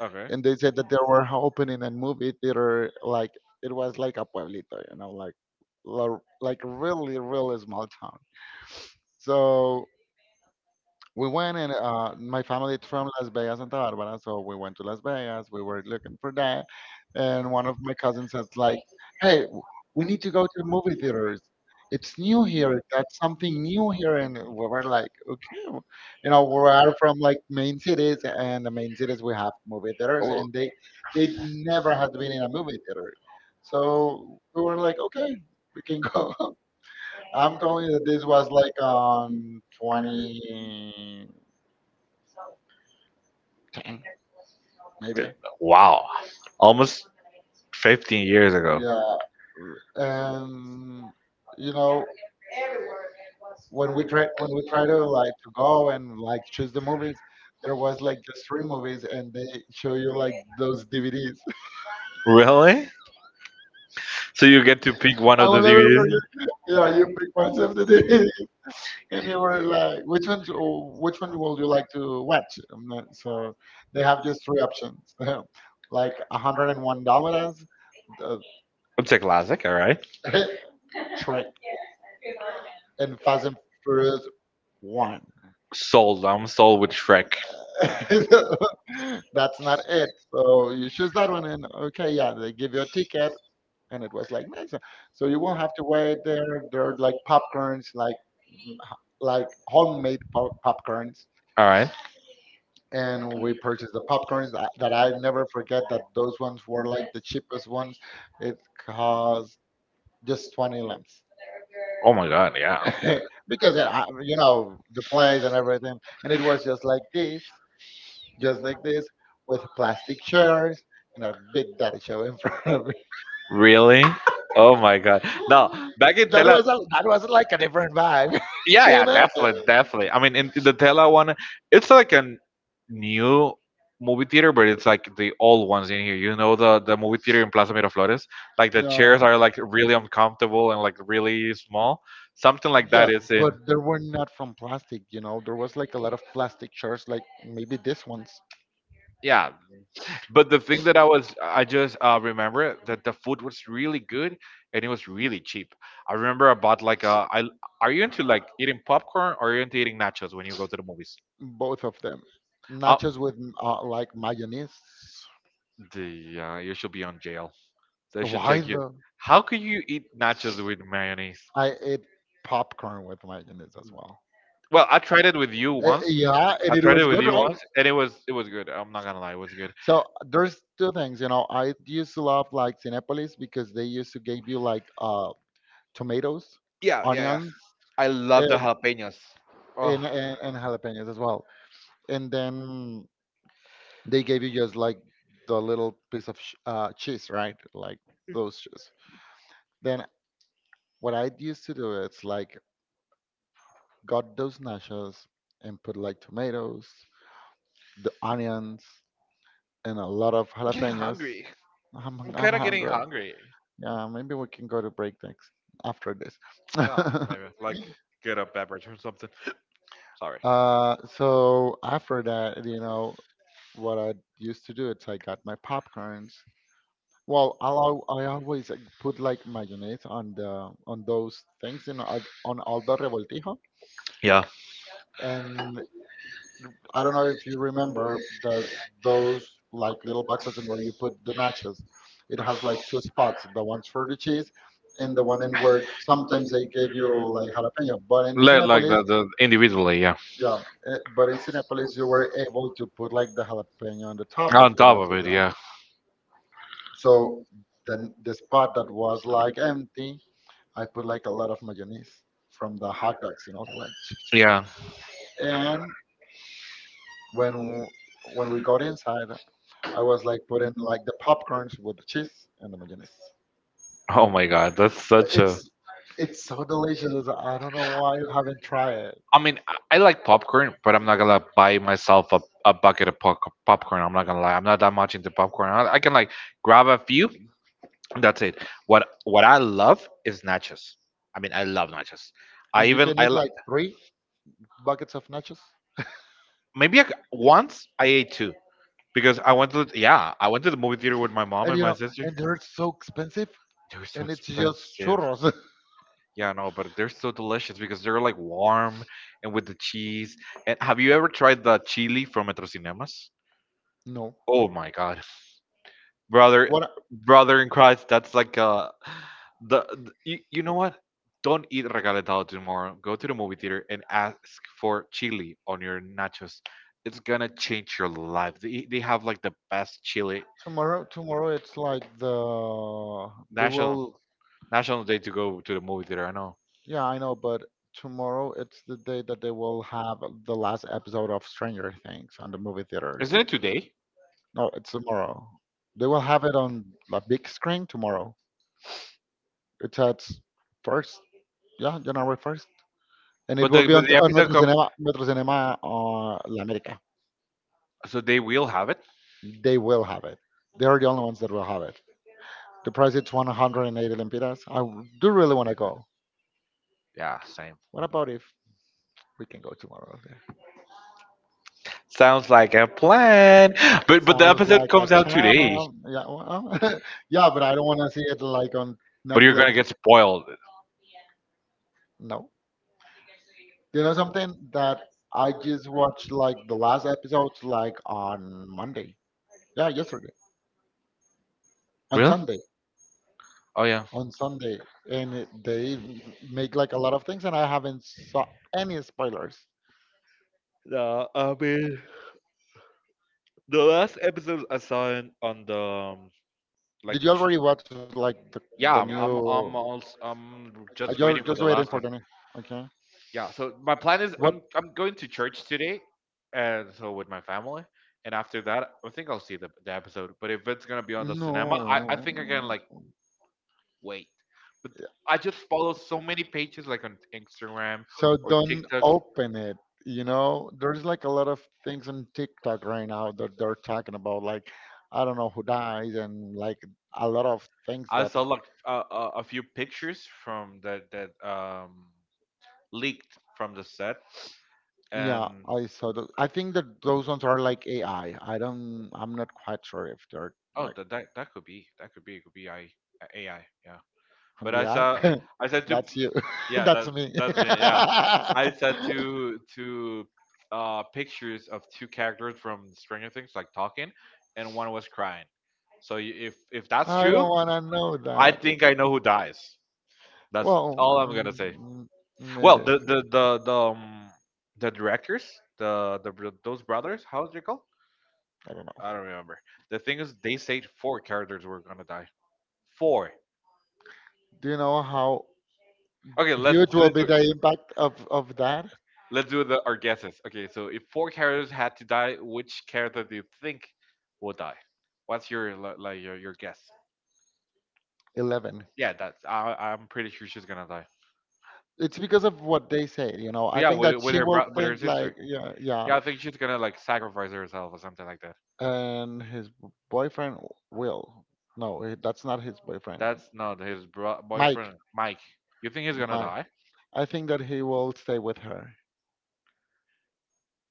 [SPEAKER 1] okay.
[SPEAKER 2] and they said that they were opening a movie theater. Like it was like a pueblito, you know, like, like really really small town. So we went and, my family is from Las Vegas, Santa Barbara, so we went to Las Vegas. We were looking for that, and one of my cousins was like, "Hey, we need to go to the movie theaters. It's new here. That's something new here." And we were like, "Okay, we are from like main cities, and the main cities we have movie theaters, and they never had been in a movie theater, so we were like, okay, we can go." I'm telling you that this was like on 20.
[SPEAKER 1] Wow, almost 15 years ago.
[SPEAKER 2] Yeah. And you know, when we try to like to go and like choose the movies, there was like just three movies and they show you like those DVDs.
[SPEAKER 1] Really? So you get to pick one
[SPEAKER 2] I
[SPEAKER 1] of
[SPEAKER 2] will
[SPEAKER 1] the
[SPEAKER 2] never
[SPEAKER 1] DVDs.
[SPEAKER 2] forget. Yeah, you pick one of the DVD and you were like, which one will you like to watch? So they have just three options. like $101, uh,
[SPEAKER 1] It's a classic, all right.
[SPEAKER 2] Shrek, and Fast and Furious one.
[SPEAKER 1] Sold. I'm sold with Shrek.
[SPEAKER 2] That's not it. So you choose that one, and okay, yeah, they give you a ticket, and it was like nice. So you won't have to wait there. They're like popcorns, like homemade popcorns.
[SPEAKER 1] All right.
[SPEAKER 2] And we purchased the popcorns that I never forget. That those ones were like the cheapest ones. It cost just 20 lemons
[SPEAKER 1] Oh my god, yeah.
[SPEAKER 2] because, you know the place and everything, and it was just like this, just like this, with plastic chairs and a big daddy show in front of me.
[SPEAKER 1] Really? Oh my god. No, back in Tela.
[SPEAKER 2] That was like a different vibe,
[SPEAKER 1] Yeah,
[SPEAKER 2] you
[SPEAKER 1] yeah,
[SPEAKER 2] know.
[SPEAKER 1] definitely, definitely. I mean, in the Tela one, it's like a new movie theater, but it's like the old ones in here. You know, the movie theater in Plaza Miraflores, like the chairs
[SPEAKER 2] No.
[SPEAKER 1] are like really uncomfortable and like really small. Something like
[SPEAKER 2] Yeah,
[SPEAKER 1] that is in.
[SPEAKER 2] but they were not from plastic, you know. There was like a lot of plastic chairs, like maybe this one's.
[SPEAKER 1] Yeah, but the thing that I was, I just remember that the food was really good and it was really cheap. I remember I bought like a. I, are you into like eating popcorn or are you into eating nachos when you go to the movies?
[SPEAKER 2] Both of them.
[SPEAKER 1] Uh,
[SPEAKER 2] Nachos with, like, mayonnaise.
[SPEAKER 1] The you should be on jail. They should
[SPEAKER 2] Why
[SPEAKER 1] take you.
[SPEAKER 2] the?
[SPEAKER 1] How could you eat nachos with mayonnaise?
[SPEAKER 2] I ate popcorn with mayonnaise as well.
[SPEAKER 1] Well, I tried it with you once.
[SPEAKER 2] Yeah, and
[SPEAKER 1] I
[SPEAKER 2] it
[SPEAKER 1] tried it
[SPEAKER 2] was
[SPEAKER 1] with
[SPEAKER 2] good,
[SPEAKER 1] you
[SPEAKER 2] right?
[SPEAKER 1] once, and it was good. I'm not gonna lie, it was good.
[SPEAKER 2] So there's two things, you know. I used to love like Cinepolis because they used to give you like, tomatoes,
[SPEAKER 1] Yeah, yeah, yeah.
[SPEAKER 2] onions,
[SPEAKER 1] I love the
[SPEAKER 2] and
[SPEAKER 1] jalapenos. Oh,
[SPEAKER 2] and jalapenos as well. And then they gave you just like the little piece of cheese, right? Like those cheese. Then what I used to do is like got those nachos and put like tomatoes, the onions, and a lot of
[SPEAKER 1] I'm getting
[SPEAKER 2] jalapenos.
[SPEAKER 1] hungry. I'm
[SPEAKER 2] I'm
[SPEAKER 1] kind of getting
[SPEAKER 2] hungry.
[SPEAKER 1] hungry.
[SPEAKER 2] Yeah, maybe we can go to break next after this.
[SPEAKER 1] Yeah, maybe like get a beverage or something. Sorry.
[SPEAKER 2] So after that, you know, what I used to do is I got my popcorns. Well, I always like, put like mayonnaise on the on those things, you know, on Aldo Revoltijo.
[SPEAKER 1] Yeah,
[SPEAKER 2] And I don't know if you remember the those like little boxes and where you put the nachos. It has like two spots, the ones for the cheese and the one in where sometimes they gave you like jalapeno. But in
[SPEAKER 1] like
[SPEAKER 2] Cinepolis.
[SPEAKER 1] the individually. Yeah,
[SPEAKER 2] Yeah, but in Cinépolis you were able to put like the jalapeno on the top
[SPEAKER 1] on
[SPEAKER 2] of the
[SPEAKER 1] top of
[SPEAKER 2] nachos.
[SPEAKER 1] it.
[SPEAKER 2] Yeah.
[SPEAKER 1] Yeah,
[SPEAKER 2] So then the spot that was like empty, I put like a lot of mayonnaise from the hot dogs, you know, like.
[SPEAKER 1] yeah.
[SPEAKER 2] And when w- when we got inside, I was like putting like the popcorns with the cheese and the mayonnaise
[SPEAKER 1] Oh
[SPEAKER 2] thing.
[SPEAKER 1] my god, that's such a.
[SPEAKER 2] It's it's so delicious. I don't know why you haven't tried it.
[SPEAKER 1] I mean, I like popcorn, but I'm not gonna buy myself a bucket of popcorn. I'm not gonna lie, I'm not that much into popcorn. I can like grab a few. And that's it. What I love is nachos. I mean, I love nachos. I
[SPEAKER 2] And you
[SPEAKER 1] even
[SPEAKER 2] can
[SPEAKER 1] I
[SPEAKER 2] eat
[SPEAKER 1] like
[SPEAKER 2] like three buckets of nachos.
[SPEAKER 1] maybe I c once I ate two because I went to the, yeah I went to the movie theater with my mom
[SPEAKER 2] And you
[SPEAKER 1] my
[SPEAKER 2] know,
[SPEAKER 1] sister.
[SPEAKER 2] and
[SPEAKER 1] Are
[SPEAKER 2] they're so expensive.
[SPEAKER 1] they were so
[SPEAKER 2] And it's just
[SPEAKER 1] expensive.
[SPEAKER 2] churros.
[SPEAKER 1] Yeah, no, but they're so delicious because they're like warm and with the cheese. And have you ever tried the chili from Metro Cinemas?
[SPEAKER 2] no.
[SPEAKER 1] Oh my God, brother,
[SPEAKER 2] What I-
[SPEAKER 1] brother in Christ, that's like you, you know what? Don't eat regaletado tomorrow. Go to the movie theater and ask for chili on your nachos. It's gonna change your life. They have like the best chili.
[SPEAKER 2] Tomorrow? Tomorrow it's like they
[SPEAKER 1] National
[SPEAKER 2] will.
[SPEAKER 1] National Day to go to the movie theater. I know.
[SPEAKER 2] Yeah, I know, but tomorrow it's the day that they will have the last episode of Stranger Things on the movie theaters.
[SPEAKER 1] Isn't it today?
[SPEAKER 2] No, it's tomorrow. They will have it on the big screen tomorrow. It's at first, yeah, January first, and it will be
[SPEAKER 1] But
[SPEAKER 2] on
[SPEAKER 1] the episode comes.
[SPEAKER 2] Metro Cinema, La América.
[SPEAKER 1] So they will have it.
[SPEAKER 2] They will have it. They are the only ones that will have it. The price is 180 lempiras. I do really want to go.
[SPEAKER 1] Yeah, same.
[SPEAKER 2] What about if we can go tomorrow there?
[SPEAKER 1] Sounds like a plan.
[SPEAKER 2] That
[SPEAKER 1] But the
[SPEAKER 2] sounds
[SPEAKER 1] episode
[SPEAKER 2] like a
[SPEAKER 1] comes out today.
[SPEAKER 2] charm. Yeah, well, yeah, but I don't want to see it like on
[SPEAKER 1] But you're
[SPEAKER 2] Netflix.
[SPEAKER 1] gonna get spoiled.
[SPEAKER 2] No. Do you know something that I just watched like the last episodes like on Monday? Yeah, yesterday. On
[SPEAKER 1] Really?
[SPEAKER 2] Sunday.
[SPEAKER 1] Oh yeah.
[SPEAKER 2] On Sunday. And they make like a lot of things and I haven't saw any spoilers.
[SPEAKER 1] No, I mean the last episode I saw in, on the like.
[SPEAKER 2] Did you
[SPEAKER 1] j-
[SPEAKER 2] already watch like the
[SPEAKER 1] yeah,
[SPEAKER 2] new?
[SPEAKER 1] I'm also, I'm
[SPEAKER 2] I
[SPEAKER 1] just
[SPEAKER 2] just
[SPEAKER 1] waiting
[SPEAKER 2] just
[SPEAKER 1] for the
[SPEAKER 2] waiting for
[SPEAKER 1] last
[SPEAKER 2] the
[SPEAKER 1] one.
[SPEAKER 2] new? Okay.
[SPEAKER 1] Yeah. So my plan is
[SPEAKER 2] What?
[SPEAKER 1] I'm going to church today, and so with my family. And after that, I think I'll see the episode. But if it's gonna be on the cinema, I think I can
[SPEAKER 2] No.
[SPEAKER 1] like wait. But I just follow so many pages like on Instagram
[SPEAKER 2] So
[SPEAKER 1] or
[SPEAKER 2] don't
[SPEAKER 1] TikTok.
[SPEAKER 2] open it. You know, there's like a lot of things on TikTok right now that they're talking about, like I don't know who dies, and like a lot of things
[SPEAKER 1] I
[SPEAKER 2] that.
[SPEAKER 1] saw like a few pictures from that that leaked from the set,
[SPEAKER 2] Yeah,
[SPEAKER 1] and
[SPEAKER 2] I saw that. I think that those ones are like AI. I don't. I'm not quite sure if they're
[SPEAKER 1] oh,
[SPEAKER 2] like
[SPEAKER 1] that could be, that could be, it could be I AI yeah. But I
[SPEAKER 2] BI?
[SPEAKER 1] saw I said to
[SPEAKER 2] That's you.
[SPEAKER 1] yeah that
[SPEAKER 2] That's me.
[SPEAKER 1] that's me yeah. I
[SPEAKER 2] I
[SPEAKER 1] said to pictures of two characters from Stranger Things like talking, and one was crying. So if that's true.
[SPEAKER 2] don't want to know
[SPEAKER 1] I
[SPEAKER 2] that.
[SPEAKER 1] think I know who dies. That's
[SPEAKER 2] Well,
[SPEAKER 1] all I'm gonna say.
[SPEAKER 2] maybe.
[SPEAKER 1] Well,
[SPEAKER 2] I
[SPEAKER 1] the directors, those brothers, how how's you call?
[SPEAKER 2] don't know.
[SPEAKER 1] I don't remember. The thing is, they said four characters were gonna die. Four.
[SPEAKER 2] Do you know how
[SPEAKER 1] Okay,
[SPEAKER 2] huge will be the impact of that?
[SPEAKER 1] let's do the our guesses. Okay, so if four characters had to die, which character do you think will die? What's your like your guess?
[SPEAKER 2] 11.
[SPEAKER 1] Yeah, that's I I'm pretty sure she's gonna die.
[SPEAKER 2] It's because of what they say, you know. I
[SPEAKER 1] Yeah,
[SPEAKER 2] think that
[SPEAKER 1] with
[SPEAKER 2] she
[SPEAKER 1] her
[SPEAKER 2] will
[SPEAKER 1] with her
[SPEAKER 2] think like,
[SPEAKER 1] sister.
[SPEAKER 2] yeah, yeah.
[SPEAKER 1] Yeah, I think she's gonna like sacrifice herself or something like that.
[SPEAKER 2] And his boyfriend will. No, that's not his boyfriend.
[SPEAKER 1] That's not his
[SPEAKER 2] Mike.
[SPEAKER 1] boyfriend, Mike. You think he's gonna
[SPEAKER 2] My
[SPEAKER 1] die?
[SPEAKER 2] I think that he will stay with her,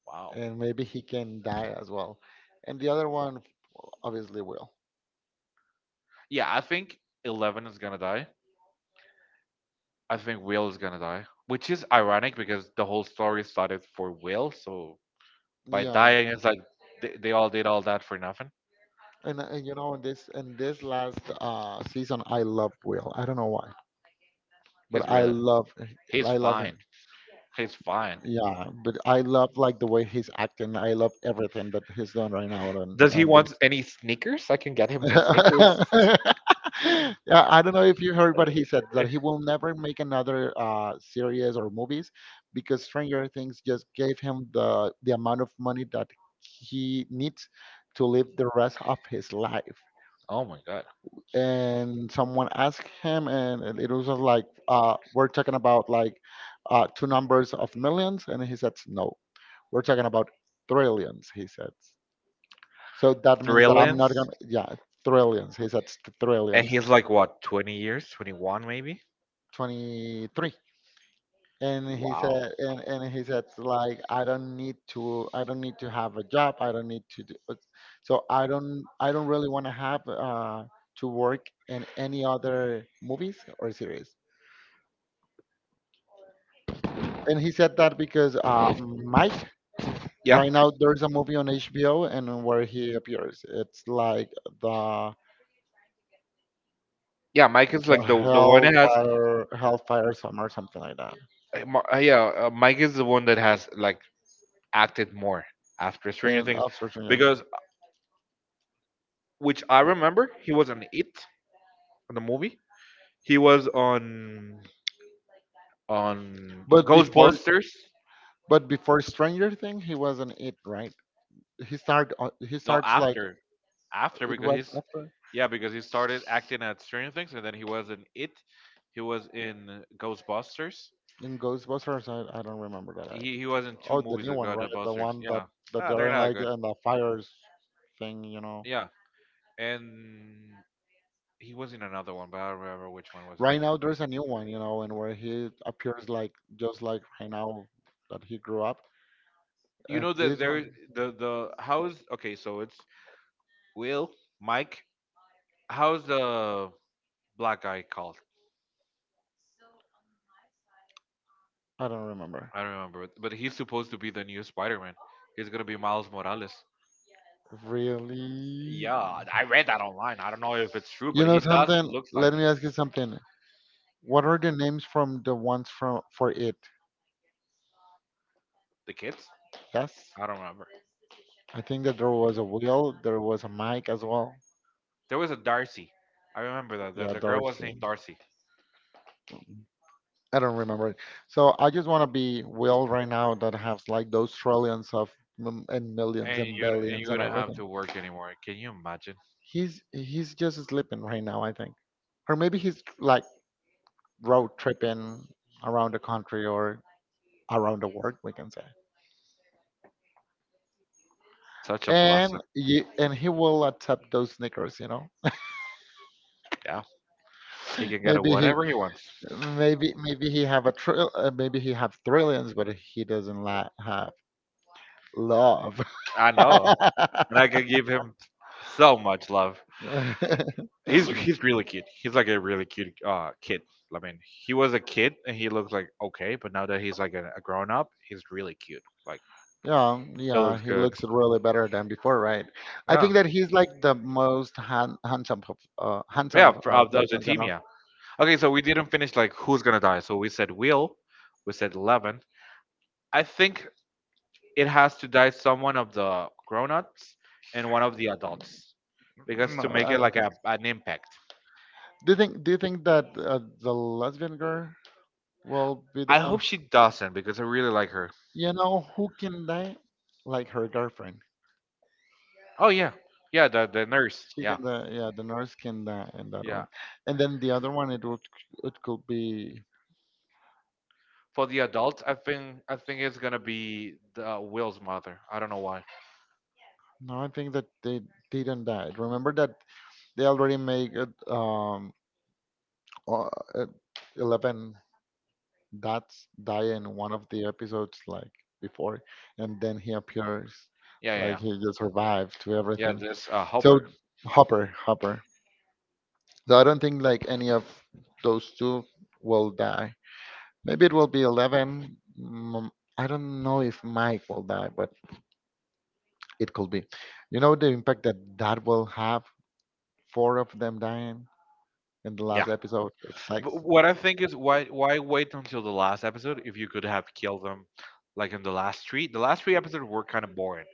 [SPEAKER 1] Wow.
[SPEAKER 2] and maybe he can die as well. And the other one obviously will.
[SPEAKER 1] Yeah, I think Eleven is gonna die. I think Will is gonna die, which is ironic because the whole story started for Will. So by
[SPEAKER 2] Yeah.
[SPEAKER 1] dying, it's like they all did all that for nothing.
[SPEAKER 2] And, you know, in this last season, I love Will. I don't know why,
[SPEAKER 1] He's
[SPEAKER 2] but
[SPEAKER 1] really, he's
[SPEAKER 2] I love him.
[SPEAKER 1] fine. He's fine.
[SPEAKER 2] Yeah, but I love like the way he's acting. I love everything that he's doing right now on
[SPEAKER 1] Does he
[SPEAKER 2] the.
[SPEAKER 1] want any sneakers? I can get him some sneakers.
[SPEAKER 2] yeah, I don't know if you heard, but he said that he will never make another, series or movies because Stranger Things just gave him the amount of money that he needs to live the rest of his life.
[SPEAKER 1] Oh my god.
[SPEAKER 2] And someone asked him, and it was just like, "We're talking about like, two numbers of millions," and he said, "No, we're talking about trillions," he said. So that means that I'm
[SPEAKER 1] Thrilling.
[SPEAKER 2] not gonna, yeah, trillions. He said
[SPEAKER 1] And
[SPEAKER 2] trillions.
[SPEAKER 1] he's like what, 20 years, 21 maybe?
[SPEAKER 2] 23. and he
[SPEAKER 1] Wow.
[SPEAKER 2] said and, and he said like, I don't need to have a job, I don't need to do, so I don't really want to have, to work in any other movies or series, and he said that because, Mike
[SPEAKER 1] Yeah,
[SPEAKER 2] right now there's a movie on HBO and where he appears, it's like the
[SPEAKER 1] yeah. Mike is
[SPEAKER 2] the
[SPEAKER 1] like the one that has.
[SPEAKER 2] Hellfire Summer, something like that,
[SPEAKER 1] Ma- Yeah, Mike is the one that has like acted more after Stranger
[SPEAKER 2] and,
[SPEAKER 1] Things,
[SPEAKER 2] unfortunately,
[SPEAKER 1] because which I remember he was on It on the movie. He was on
[SPEAKER 2] but before
[SPEAKER 1] Ghostbusters.
[SPEAKER 2] but before Stranger Thing, he wasn't it, right? He started. He
[SPEAKER 1] No,
[SPEAKER 2] starts like
[SPEAKER 1] after after
[SPEAKER 2] it
[SPEAKER 1] because
[SPEAKER 2] was
[SPEAKER 1] he's
[SPEAKER 2] after
[SPEAKER 1] yeah because he started acting at Stranger Things and then he was in It. He was in Ghostbusters.
[SPEAKER 2] in Ghostbusters. I don't remember that.
[SPEAKER 1] He was in two
[SPEAKER 2] Oh, the
[SPEAKER 1] movies
[SPEAKER 2] new
[SPEAKER 1] that
[SPEAKER 2] one,
[SPEAKER 1] got the
[SPEAKER 2] right? The
[SPEAKER 1] busters.
[SPEAKER 2] one that
[SPEAKER 1] Yeah.
[SPEAKER 2] that
[SPEAKER 1] Ah,
[SPEAKER 2] they're
[SPEAKER 1] they're
[SPEAKER 2] in
[SPEAKER 1] not
[SPEAKER 2] like
[SPEAKER 1] good.
[SPEAKER 2] in the fires thing, you know.
[SPEAKER 1] Yeah. And he was in another one, but I don't remember which one was it.
[SPEAKER 2] Right now, there's a new one, you know, and where he appears like just like right now that he grew up.
[SPEAKER 1] You know that
[SPEAKER 2] This
[SPEAKER 1] there
[SPEAKER 2] one,
[SPEAKER 1] the how's okay, so it's Will, Mike. How's the black guy called?
[SPEAKER 2] I don't remember.
[SPEAKER 1] I don't remember, but he's supposed to be the new Spider-Man. He's gonna be Miles Morales.
[SPEAKER 2] Really?
[SPEAKER 1] Yeah, I read that online. I don't know if it's true,
[SPEAKER 2] You
[SPEAKER 1] but
[SPEAKER 2] know
[SPEAKER 1] he does
[SPEAKER 2] something?
[SPEAKER 1] looks
[SPEAKER 2] Let
[SPEAKER 1] like
[SPEAKER 2] me ask you something. What are the names from the ones from for it?
[SPEAKER 1] the kids.
[SPEAKER 2] Yes,
[SPEAKER 1] I don't remember.
[SPEAKER 2] I think that there was a Will. There was a Mike as well.
[SPEAKER 1] There was a Darcy. I remember that. The,
[SPEAKER 2] Yeah,
[SPEAKER 1] the girl was
[SPEAKER 2] Darcy.
[SPEAKER 1] named Darcy.
[SPEAKER 2] I don't remember it. So I just want to be Will right now that has like those trillions of and millions
[SPEAKER 1] And
[SPEAKER 2] and
[SPEAKER 1] you and you
[SPEAKER 2] billions and
[SPEAKER 1] wouldn't have
[SPEAKER 2] everything.
[SPEAKER 1] to work anymore. Can you imagine?
[SPEAKER 2] He's just sleeping right now, I think, or maybe he's like road tripping around the country or around the world, we can say.
[SPEAKER 1] Such a blessing.
[SPEAKER 2] And he will accept those sneakers.
[SPEAKER 1] Yeah. He can get
[SPEAKER 2] maybe he
[SPEAKER 1] whatever he wants.
[SPEAKER 2] maybe he have a trill maybe he have trillions, but he doesn't have love.
[SPEAKER 1] I know. And I can give him so much love. He's really cute. He's like a really cute kid. I mean, he was a kid and he looks like okay, but now that he's like a grown up, he's really cute. Like
[SPEAKER 2] yeah
[SPEAKER 1] he
[SPEAKER 2] yeah
[SPEAKER 1] looks
[SPEAKER 2] he
[SPEAKER 1] good.
[SPEAKER 2] looks really better than before, right? I
[SPEAKER 1] Yeah.
[SPEAKER 2] think that he's like the most handsome of uh,
[SPEAKER 1] Yeah,
[SPEAKER 2] handsome of
[SPEAKER 1] of
[SPEAKER 2] those
[SPEAKER 1] the
[SPEAKER 2] ones you
[SPEAKER 1] team,
[SPEAKER 2] know
[SPEAKER 1] yeah. Okay, so we didn't finish like who's gonna die. So we said Will, we said Eleven, I think it has to die someone of the grown-ups and one of the adults because to
[SPEAKER 2] No,
[SPEAKER 1] make
[SPEAKER 2] I
[SPEAKER 1] it
[SPEAKER 2] don't
[SPEAKER 1] like
[SPEAKER 2] think.
[SPEAKER 1] an impact.
[SPEAKER 2] Do you think that the lesbian girl will be the
[SPEAKER 1] I
[SPEAKER 2] one?
[SPEAKER 1] hope she doesn't because I really like her.
[SPEAKER 2] You know who can die? Like her girlfriend.
[SPEAKER 1] Oh yeah, yeah, the nurse.
[SPEAKER 2] She
[SPEAKER 1] Yeah,
[SPEAKER 2] can die. Yeah, the nurse can die in that
[SPEAKER 1] yeah.
[SPEAKER 2] one. And then the other one, it could be.
[SPEAKER 1] For the adults, I think it's gonna be the Will's mother. I don't know why.
[SPEAKER 2] No, I think that they didn't die. Remember that they already make it, uh, uh, Eleven dots die in one of the episodes like before, and then he appears
[SPEAKER 1] Yeah, yeah,
[SPEAKER 2] like
[SPEAKER 1] yeah.
[SPEAKER 2] he just survived to
[SPEAKER 1] Yeah,
[SPEAKER 2] everything.
[SPEAKER 1] this
[SPEAKER 2] So
[SPEAKER 1] helper.
[SPEAKER 2] Hopper, Hopper. So I don't think like any of those two will die. Maybe it will be Eleven. I don't know if Mike will die, but it could be. You know the impact that will have? Four of them dying in the
[SPEAKER 1] Yeah.
[SPEAKER 2] last episode. It's like,
[SPEAKER 1] But what I think is why wait until the last episode if you could have killed them like in the last 3? The last three episodes were kind of boring.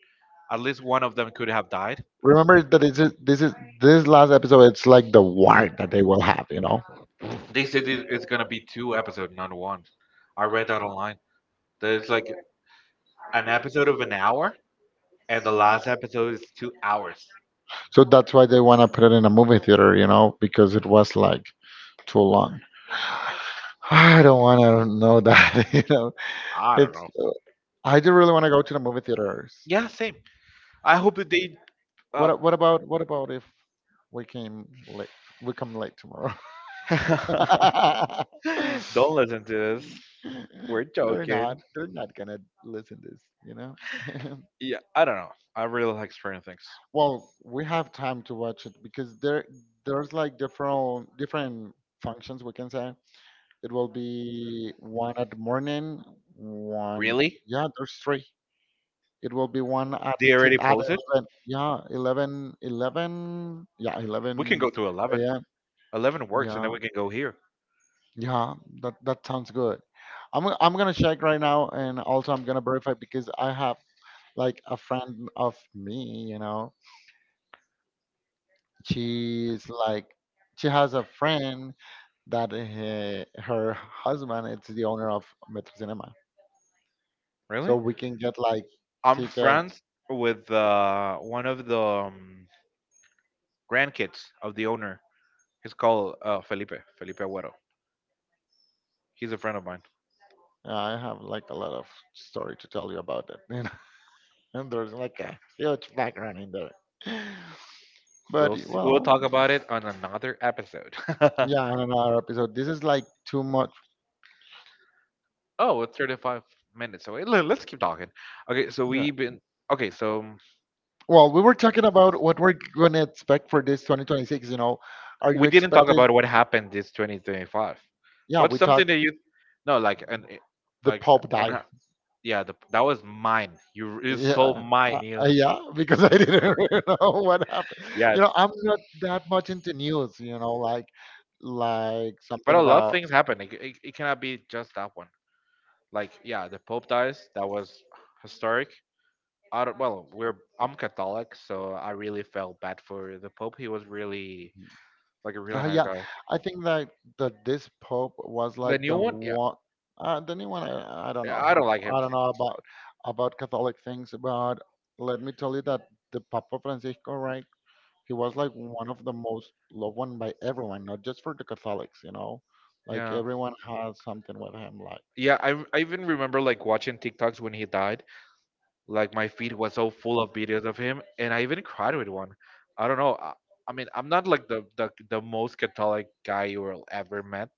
[SPEAKER 1] At least one of them could have died.
[SPEAKER 2] remember that it's just, this last episode. It's like the war that they will have.
[SPEAKER 1] They said it's gonna be 2 episodes, not 1. I read that online. That it's like an episode of an hour, and the last episode is 2 hours.
[SPEAKER 2] So that's why they want to put it in a movie theater, because it was like too long. I don't want to know that, .
[SPEAKER 1] I don't
[SPEAKER 2] It's
[SPEAKER 1] know.
[SPEAKER 2] I do really want to go to the movie theaters.
[SPEAKER 1] Yeah, same. I hope that they.
[SPEAKER 2] What
[SPEAKER 1] Uh,
[SPEAKER 2] a- what about what about if we came late? We come late tomorrow.
[SPEAKER 1] don't listen to this. We're
[SPEAKER 2] they're not
[SPEAKER 1] joking.
[SPEAKER 2] they're not gonna listen this.
[SPEAKER 1] Yeah, I don't know. I really like Stranger Things.
[SPEAKER 2] Well, we have time to watch it because there's like different functions we can say. It will be one at the morning, one.
[SPEAKER 1] Really?
[SPEAKER 2] Yeah, there's three. It will be one at
[SPEAKER 1] They
[SPEAKER 2] t-
[SPEAKER 1] already
[SPEAKER 2] at
[SPEAKER 1] posted.
[SPEAKER 2] 11. Yeah, 11, 11. Yeah,
[SPEAKER 1] We can
[SPEAKER 2] 11.
[SPEAKER 1] go to 11.
[SPEAKER 2] a.m.
[SPEAKER 1] 11 works, and
[SPEAKER 2] Yeah.
[SPEAKER 1] then we can go here.
[SPEAKER 2] Yeah, that sounds good. I'm gonna check right now, and also I'm gonna verify because I have like a friend of me, she's like she has a friend that, her husband, it's the owner of Metro Cinema, so
[SPEAKER 1] Really?
[SPEAKER 2] we can get like
[SPEAKER 1] I'm
[SPEAKER 2] tickets.
[SPEAKER 1] friends with one of the grandkids of the owner. He's called Felipe Agüero. He's a friend of mine.
[SPEAKER 2] I have like a lot of story to tell you about it, and there's like a huge background in there. But
[SPEAKER 1] We'll see, we'll
[SPEAKER 2] well,
[SPEAKER 1] talk about it on another episode.
[SPEAKER 2] yeah, in another episode. This is like too much.
[SPEAKER 1] Oh, it's 35 minutes away. Let's keep talking. Okay, so
[SPEAKER 2] Yeah.
[SPEAKER 1] we've been okay. So
[SPEAKER 2] Well, we were talking about what we're gonna expect for this 2026. You know, are you
[SPEAKER 1] We didn't talk
[SPEAKER 2] expecting?
[SPEAKER 1] about what happened this 2025.
[SPEAKER 2] Yeah,
[SPEAKER 1] What's
[SPEAKER 2] we talk
[SPEAKER 1] something that you no like and
[SPEAKER 2] the
[SPEAKER 1] like
[SPEAKER 2] Pope
[SPEAKER 1] on
[SPEAKER 2] die.
[SPEAKER 1] a- yeah, the, that was mine. You
[SPEAKER 2] Yeah,
[SPEAKER 1] stole mine. You
[SPEAKER 2] yeah, because I didn't really know what happened.
[SPEAKER 1] yeah.
[SPEAKER 2] You know, I'm not that much into news. You know, like
[SPEAKER 1] But
[SPEAKER 2] something
[SPEAKER 1] a lot of
[SPEAKER 2] about.
[SPEAKER 1] things happen. It cannot be just that one. Like, yeah, the Pope dies. That was historic. I don't, well, we're I'm Catholic, so I really felt bad for the Pope. He was really like a really nice
[SPEAKER 2] Yeah,
[SPEAKER 1] guy.
[SPEAKER 2] I think that this Pope was
[SPEAKER 1] The
[SPEAKER 2] like
[SPEAKER 1] new
[SPEAKER 2] the
[SPEAKER 1] one, yeah,
[SPEAKER 2] one. The new one, I don't know.
[SPEAKER 1] yeah, I don't like him.
[SPEAKER 2] I don't know about Catholic things, but let me tell you that the Papa Francisco, right? He was like one of the most loved one by everyone, not just for the Catholics. Like
[SPEAKER 1] Yeah.
[SPEAKER 2] everyone has something with him. Like,
[SPEAKER 1] Yeah, I even remember like watching TikToks when he died. Like my feed was so full of videos of him, and I even cried with one. I don't know. I mean, I'm not like the most Catholic guy you will ever met,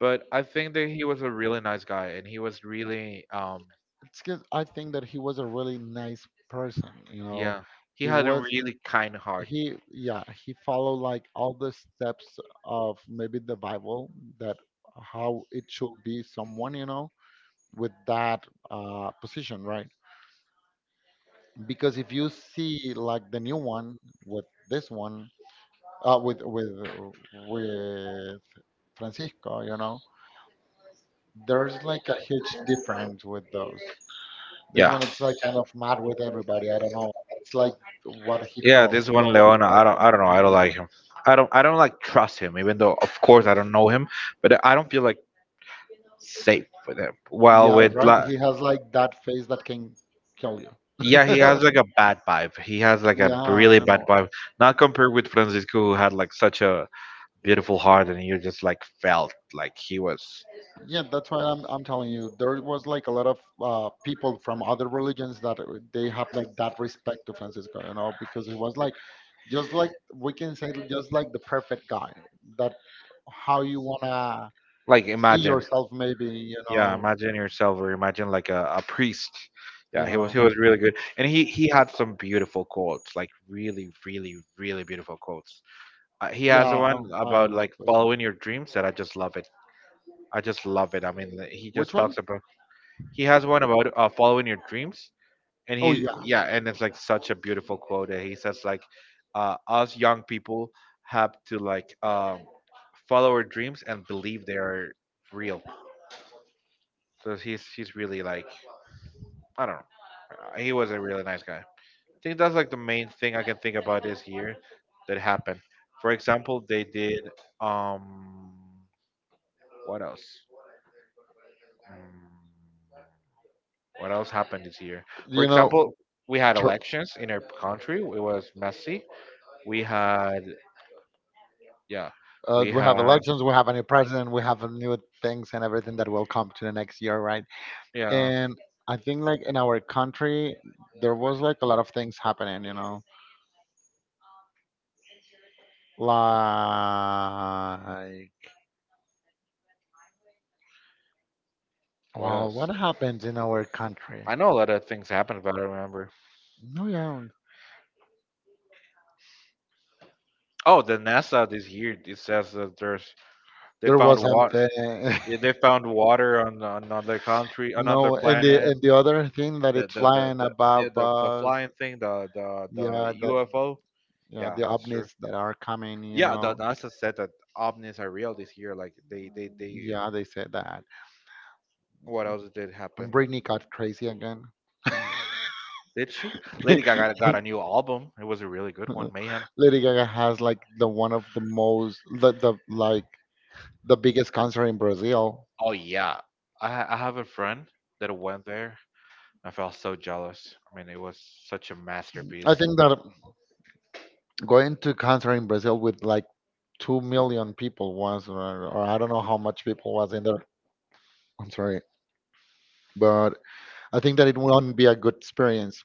[SPEAKER 1] but I think that he was a really nice guy, and he was really,
[SPEAKER 2] it's because I think that he was a really nice person.
[SPEAKER 1] yeah, he
[SPEAKER 2] He
[SPEAKER 1] had a
[SPEAKER 2] was
[SPEAKER 1] really kind heart.
[SPEAKER 2] he yeah he followed like all the steps of maybe the Bible, that how it should be someone, with that position, right? Because if you see like the new one with this one, with with Francisco, there's like a huge difference with those. This
[SPEAKER 1] Yeah,
[SPEAKER 2] one, it's like kind of mad with everybody. I don't know. It's like what he
[SPEAKER 1] yeah.
[SPEAKER 2] felt,
[SPEAKER 1] This one,
[SPEAKER 2] what he
[SPEAKER 1] Leona,
[SPEAKER 2] felt when,
[SPEAKER 1] I
[SPEAKER 2] he,
[SPEAKER 1] don't know.
[SPEAKER 2] you
[SPEAKER 1] I don't
[SPEAKER 2] know.
[SPEAKER 1] like him. I don't like trust him, even though of course I don't know him, but I don't feel like safe with him. While
[SPEAKER 2] Yeah,
[SPEAKER 1] with
[SPEAKER 2] right.
[SPEAKER 1] like,
[SPEAKER 2] He has like that face that can kill you.
[SPEAKER 1] yeah, he has like a bad vibe. He has like
[SPEAKER 2] Yeah,
[SPEAKER 1] a
[SPEAKER 2] I
[SPEAKER 1] really
[SPEAKER 2] don't
[SPEAKER 1] bad
[SPEAKER 2] know.
[SPEAKER 1] vibe. Not compared with Francisco, who had like such a beautiful heart, and you just like felt like he was
[SPEAKER 2] Yeah, that's why I'm telling you there was like a lot of people from other religions that they have like that respect to Francisco, because it was like just like we can say just like the perfect guy, that how you wanna
[SPEAKER 1] like
[SPEAKER 2] see
[SPEAKER 1] imagine.
[SPEAKER 2] yourself maybe, you
[SPEAKER 1] Yeah,
[SPEAKER 2] know,
[SPEAKER 1] imagine yourself or imagine like a priest. Yeah,
[SPEAKER 2] Yeah,
[SPEAKER 1] he was really good and he had some beautiful quotes, like really beautiful quotes. He has
[SPEAKER 2] yeah,
[SPEAKER 1] one
[SPEAKER 2] I
[SPEAKER 1] about
[SPEAKER 2] love
[SPEAKER 1] like
[SPEAKER 2] this one.
[SPEAKER 1] following your dreams that I just love it. I just love it. I mean, like, he just
[SPEAKER 2] Which
[SPEAKER 1] talks
[SPEAKER 2] one?
[SPEAKER 1] about he has one about following your dreams, and
[SPEAKER 2] Oh
[SPEAKER 1] he
[SPEAKER 2] yeah,
[SPEAKER 1] yeah, and it's like such a beautiful quote that he says like, us young people have to like follow our dreams and believe they are real. So he's really like, I don't know. He was a really nice guy. I think that's like the main thing I can think about this year that happened. For example, they did um what else? Mm, what else happened this year? For
[SPEAKER 2] you
[SPEAKER 1] example,
[SPEAKER 2] know,
[SPEAKER 1] we had
[SPEAKER 2] tr-
[SPEAKER 1] elections in our country. It was messy. We had yeah, we
[SPEAKER 2] We have
[SPEAKER 1] had
[SPEAKER 2] elections, we have a new president, we have new things and everything that will come to the next year, right?
[SPEAKER 1] yeah.
[SPEAKER 2] And I think like in our country, there was like a lot of things happeninglike
[SPEAKER 1] What
[SPEAKER 2] well,
[SPEAKER 1] else?
[SPEAKER 2] what happened in our country?
[SPEAKER 1] I know a lot of things happened, but I don't remember.
[SPEAKER 2] No, yeah,
[SPEAKER 1] Oh, the NASA this year it says that there's they
[SPEAKER 2] there
[SPEAKER 1] found
[SPEAKER 2] was
[SPEAKER 1] water.
[SPEAKER 2] something.
[SPEAKER 1] Yeah, they found water on another country, another
[SPEAKER 2] No, and the
[SPEAKER 1] planet.
[SPEAKER 2] and the other thing that it's flying
[SPEAKER 1] The yeah
[SPEAKER 2] above
[SPEAKER 1] the
[SPEAKER 2] us.
[SPEAKER 1] flying thing,
[SPEAKER 2] yeah,
[SPEAKER 1] the
[SPEAKER 2] that
[SPEAKER 1] UFO.
[SPEAKER 2] yeah,
[SPEAKER 1] Yeah,
[SPEAKER 2] the
[SPEAKER 1] that's true.
[SPEAKER 2] ovnis that are coming, you
[SPEAKER 1] Yeah, the
[SPEAKER 2] know.
[SPEAKER 1] NASA said that ovnis are real this year. Like they.
[SPEAKER 2] Yeah, they said that.
[SPEAKER 1] What else did
[SPEAKER 2] And
[SPEAKER 1] happen?
[SPEAKER 2] Britney got crazy again.
[SPEAKER 1] Did she? Lady Gaga got a new album. It was a really good one. Mayhem.
[SPEAKER 2] Lady Gaga has like the one of the most, the biggest concert in Brazil.
[SPEAKER 1] Oh yeah, I have a friend that went there. I felt so jealous. I mean, it was such a
[SPEAKER 2] I
[SPEAKER 1] masterpiece.
[SPEAKER 2] think that going to concert in Brazil with like 2 million people was, or I don't know how much people was in there. I'm sorry, but I think that it won't be a good experience.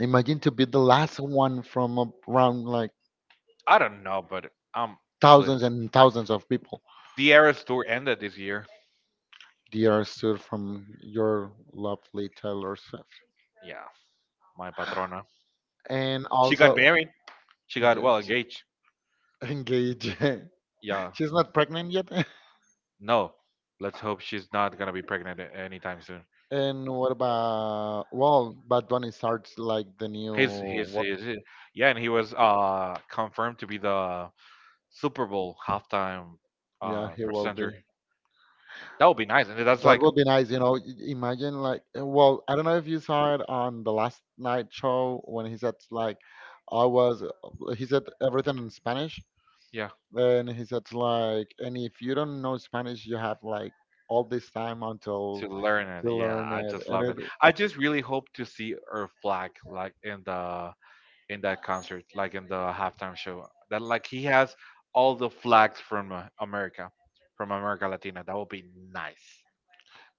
[SPEAKER 2] Imagine to be the last one from around like
[SPEAKER 1] I don't know, but it's lit.
[SPEAKER 2] thousands and thousands of people.
[SPEAKER 1] The Eras tour ended this year.
[SPEAKER 2] Dear Sir, from your lovely Taylor Swift.
[SPEAKER 1] Yeah, my patrona.
[SPEAKER 2] And
[SPEAKER 1] She got
[SPEAKER 2] also,
[SPEAKER 1] married. She got well engaged.
[SPEAKER 2] engage.
[SPEAKER 1] Yeah.
[SPEAKER 2] She's not pregnant yet.
[SPEAKER 1] No. Let's hope she's not gonna be pregnant anytime soon.
[SPEAKER 2] And what about, well, Bad Bunny starts like the new work.
[SPEAKER 1] His yeah, and he was confirmed to be the Super Bowl halftime
[SPEAKER 2] Yeah, he will be.
[SPEAKER 1] presenter. That would be nice, and that's
[SPEAKER 2] That
[SPEAKER 1] like
[SPEAKER 2] would be nice. Imagine like well, I don't know if you saw it on the last night show when he said, like, I was he said everything in Spanish,
[SPEAKER 1] yeah
[SPEAKER 2] and he said, like, and if you don't know Spanish you have like all this time until
[SPEAKER 1] to learn
[SPEAKER 2] to
[SPEAKER 1] it. Yeah,
[SPEAKER 2] learn
[SPEAKER 1] I
[SPEAKER 2] it,
[SPEAKER 1] just
[SPEAKER 2] and
[SPEAKER 1] love
[SPEAKER 2] it.
[SPEAKER 1] it. I just really hope to see her flag like in that concert, like in the halftime show. That like he has all the flags from America, from America Latina. That would be nice.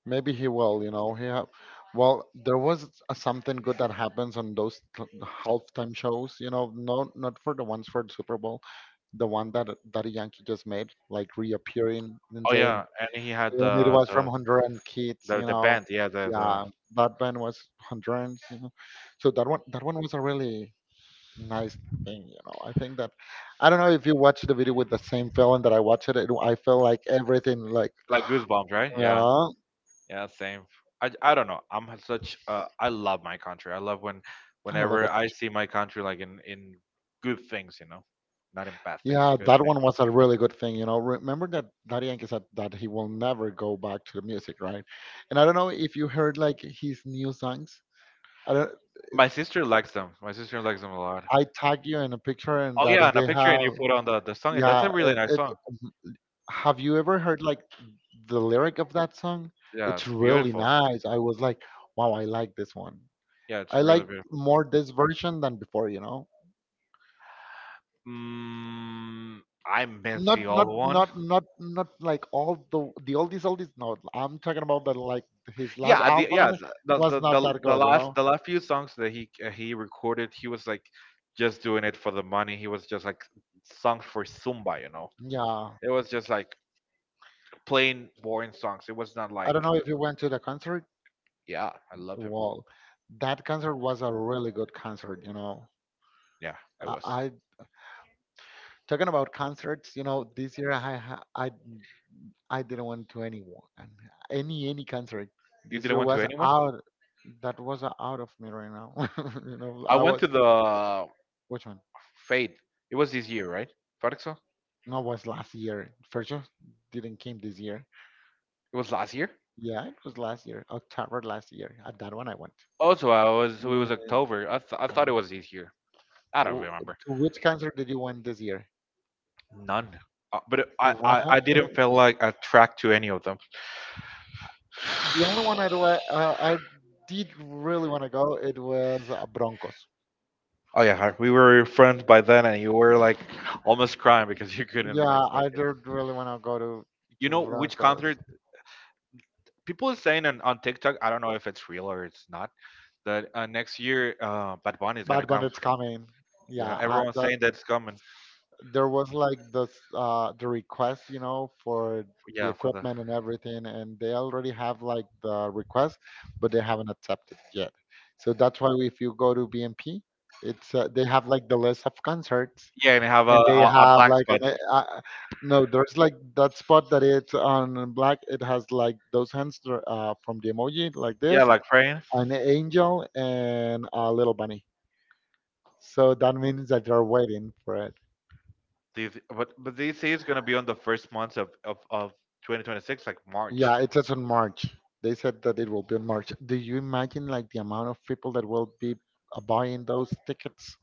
[SPEAKER 2] Maybe he will. He ha Well, there was a, something good that happens on those t halftime shows. No, not for the ones for the Super Bowl, the one that Daddy Yankee just made, like reappearing and
[SPEAKER 1] Oh
[SPEAKER 2] saying,
[SPEAKER 1] yeah, and he had
[SPEAKER 2] and it was from Honduran kids,
[SPEAKER 1] the,
[SPEAKER 2] you
[SPEAKER 1] the
[SPEAKER 2] know.
[SPEAKER 1] band. Yeah,
[SPEAKER 2] Yeah,
[SPEAKER 1] the
[SPEAKER 2] that band was Hondurans. So that one was a really nice thing. I think that I don't know if you watched the video with the same feeling that I watched it. I felt like everything, like.
[SPEAKER 1] like Goosebumps, right? Yeah,
[SPEAKER 2] Yeah,
[SPEAKER 1] yeah, same. I don't know. I'm such I love my country. I love when
[SPEAKER 2] I love
[SPEAKER 1] whenever
[SPEAKER 2] it.
[SPEAKER 1] I see my country like in good things, you know, not in bad things.
[SPEAKER 2] Yeah, that one was a really good thing. You know, remember that Daddy Yankee said that he will never go back to the music, right? And I don't know if you heard like his new songs. I don't. It,
[SPEAKER 1] My sister likes them. My sister likes them a lot.
[SPEAKER 2] I tag you in a picture, and
[SPEAKER 1] Oh
[SPEAKER 2] that
[SPEAKER 1] yeah, and a
[SPEAKER 2] they
[SPEAKER 1] picture and
[SPEAKER 2] have.
[SPEAKER 1] you put on the song. That's
[SPEAKER 2] Yeah,
[SPEAKER 1] a really
[SPEAKER 2] it,
[SPEAKER 1] nice
[SPEAKER 2] it.
[SPEAKER 1] song.
[SPEAKER 2] Have you ever heard like the lyric of that song?
[SPEAKER 1] Yeah,
[SPEAKER 2] It's
[SPEAKER 1] it's
[SPEAKER 2] really
[SPEAKER 1] beautiful.
[SPEAKER 2] nice. I was like, wow, I like this one.
[SPEAKER 1] Yeah, it's
[SPEAKER 2] I
[SPEAKER 1] really
[SPEAKER 2] like
[SPEAKER 1] beautiful.
[SPEAKER 2] more this version than before. You know.
[SPEAKER 1] Mm, I miss the
[SPEAKER 2] Not not
[SPEAKER 1] old one.
[SPEAKER 2] not not not like all the oldies oldies. No, I'm talking about the, like, his last
[SPEAKER 1] Yeah,
[SPEAKER 2] album was not that good you know
[SPEAKER 1] the last few songs that he recorded, he was like just doing it for the money. He was just like songs for Zumba, you know.
[SPEAKER 2] Yeah,
[SPEAKER 1] It was just like plain boring songs. It was not
[SPEAKER 2] I
[SPEAKER 1] like
[SPEAKER 2] don't know if you went to the concert.
[SPEAKER 1] yeah, I love him.
[SPEAKER 2] Well, that concert was a really good concert.
[SPEAKER 1] Yeah, it was.
[SPEAKER 2] I talking about concerts this year, I ha- I didn't went to any one any concert
[SPEAKER 1] You
[SPEAKER 2] this
[SPEAKER 1] didn't
[SPEAKER 2] year
[SPEAKER 1] went to
[SPEAKER 2] was
[SPEAKER 1] anyone?
[SPEAKER 2] out that was out of me right now.
[SPEAKER 1] I
[SPEAKER 2] I
[SPEAKER 1] went
[SPEAKER 2] was
[SPEAKER 1] to the
[SPEAKER 2] Which one?
[SPEAKER 1] Fade. It was this year, right? Farixo?
[SPEAKER 2] No, it was last year. First show didn't came this year.
[SPEAKER 1] It was last year?
[SPEAKER 2] Yeah, it was last year, October last year. At that one I went.
[SPEAKER 1] Also, I was so it
[SPEAKER 2] Yeah,
[SPEAKER 1] was
[SPEAKER 2] no.
[SPEAKER 1] October. I thought it was this year. I don't
[SPEAKER 2] Oh,
[SPEAKER 1] remember
[SPEAKER 2] to which concert did you went this year?
[SPEAKER 1] none. But
[SPEAKER 2] Wow.
[SPEAKER 1] I didn't feel like attracted to any of them.
[SPEAKER 2] The only one I do, I, uh, I did really want to go. It was Broncos.
[SPEAKER 1] Oh yeah, we were friends by then, and you were
[SPEAKER 2] Uh,
[SPEAKER 1] like almost crying because you couldn't
[SPEAKER 2] Yeah,
[SPEAKER 1] like make
[SPEAKER 2] I
[SPEAKER 1] it.
[SPEAKER 2] did really want to go to
[SPEAKER 1] You
[SPEAKER 2] to
[SPEAKER 1] know which
[SPEAKER 2] Broncos.
[SPEAKER 1] concert? People are saying on TikTok. I don't know if it's real or it's not. That next year, Bad Bunny is gonna
[SPEAKER 2] But when
[SPEAKER 1] come.
[SPEAKER 2] it's coming, yeah,
[SPEAKER 1] Yeah, everyone's
[SPEAKER 2] that
[SPEAKER 1] saying that's coming.
[SPEAKER 2] there was like this the request for the
[SPEAKER 1] Yeah, for the
[SPEAKER 2] equipment and everything, and they already have like the request, but they haven't accepted yet, so that's why if you go to BMP, it's they have like the list of concerts,
[SPEAKER 1] yeah, and have
[SPEAKER 2] and they
[SPEAKER 1] a
[SPEAKER 2] have
[SPEAKER 1] black
[SPEAKER 2] like
[SPEAKER 1] spot.
[SPEAKER 2] an. No, there's like that spot that it's on black. It has like those hands from the emoji like
[SPEAKER 1] Yeah,
[SPEAKER 2] this,
[SPEAKER 1] like praying.
[SPEAKER 2] an angel and a little bunny, so that means that they're waiting for it.
[SPEAKER 1] These, but they say it's gonna be on the first months of 2026, like March.
[SPEAKER 2] Yeah, it says on March. They said that it will be on March. Do you imagine like the amount of people that will be buying those tickets?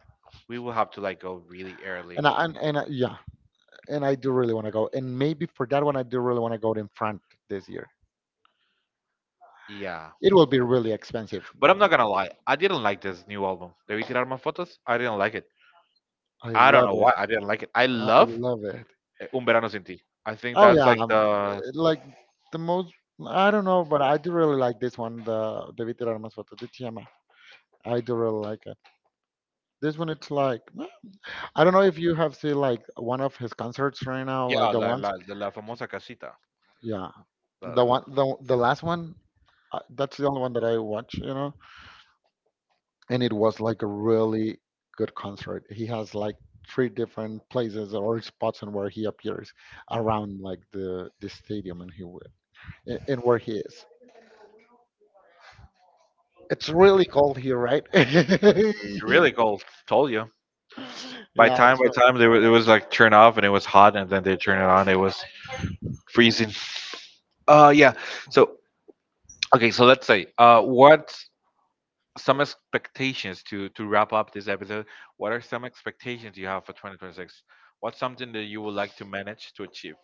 [SPEAKER 1] We will have to like go really early.
[SPEAKER 2] And I, yeah, and I do really want to go. And maybe for that one, I do really want to go in front this year.
[SPEAKER 1] Yeah,
[SPEAKER 2] It will be really expensive.
[SPEAKER 1] but I'm not gonna lie. I didn't like this new album. Debí tirar más fotos. I didn't like it.
[SPEAKER 2] I
[SPEAKER 1] I don't
[SPEAKER 2] love
[SPEAKER 1] know
[SPEAKER 2] it.
[SPEAKER 1] why I didn't like it. I
[SPEAKER 2] I
[SPEAKER 1] love
[SPEAKER 2] love it.
[SPEAKER 1] Un Verano Sin Ti. I think
[SPEAKER 2] Oh
[SPEAKER 1] that's
[SPEAKER 2] yeah,
[SPEAKER 1] like the
[SPEAKER 2] like the most. I don't know, but I do really like this one, the Vitir Armas Foto de Tiama. I do really like it. This one, it's like. I don't know if you have seen like one of his concerts right now,
[SPEAKER 1] yeah
[SPEAKER 2] like the ones,
[SPEAKER 1] la famosa casita.
[SPEAKER 2] yeah,
[SPEAKER 1] The,
[SPEAKER 2] the
[SPEAKER 1] the-
[SPEAKER 2] one, the last one. That's the only one that I watch. And it was like a really good concert. He has like three different places or spots, and where he appears around like the stadium, and and where he is. It's really cold here, right?
[SPEAKER 1] it's
[SPEAKER 2] It's
[SPEAKER 1] really
[SPEAKER 2] really
[SPEAKER 1] cold. Told you.
[SPEAKER 2] cold.
[SPEAKER 1] By
[SPEAKER 2] Yeah,
[SPEAKER 1] time
[SPEAKER 2] it's
[SPEAKER 1] by time they were, it was like turn off and it was hot and then they turn it on. It was freezing. Uh yeah. So Okay, so let's say, what some expectations to wrap up this episode? What are some expectations you have for 2026? What's something that you would like to manage to achieve?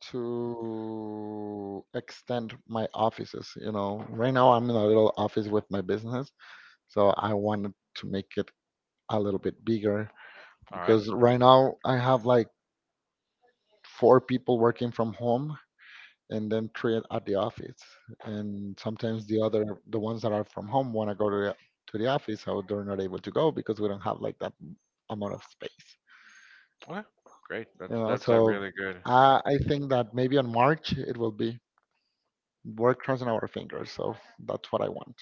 [SPEAKER 2] to extend my offices. You know, right now I'm in a little office with my business, so I wanted to make it a little bit bigger
[SPEAKER 1] All right.
[SPEAKER 2] because right now I have like four people working from home and then three at the office. And sometimes the other, the ones that are from home want to go to the office, so they're not able to go because we don't have like that amount of space.
[SPEAKER 1] Okay, great.
[SPEAKER 2] You
[SPEAKER 1] That's
[SPEAKER 2] know,
[SPEAKER 1] that's a
[SPEAKER 2] so
[SPEAKER 1] really good,
[SPEAKER 2] I think that maybe on March it will be. We're crossing our fingers, so that's what I want.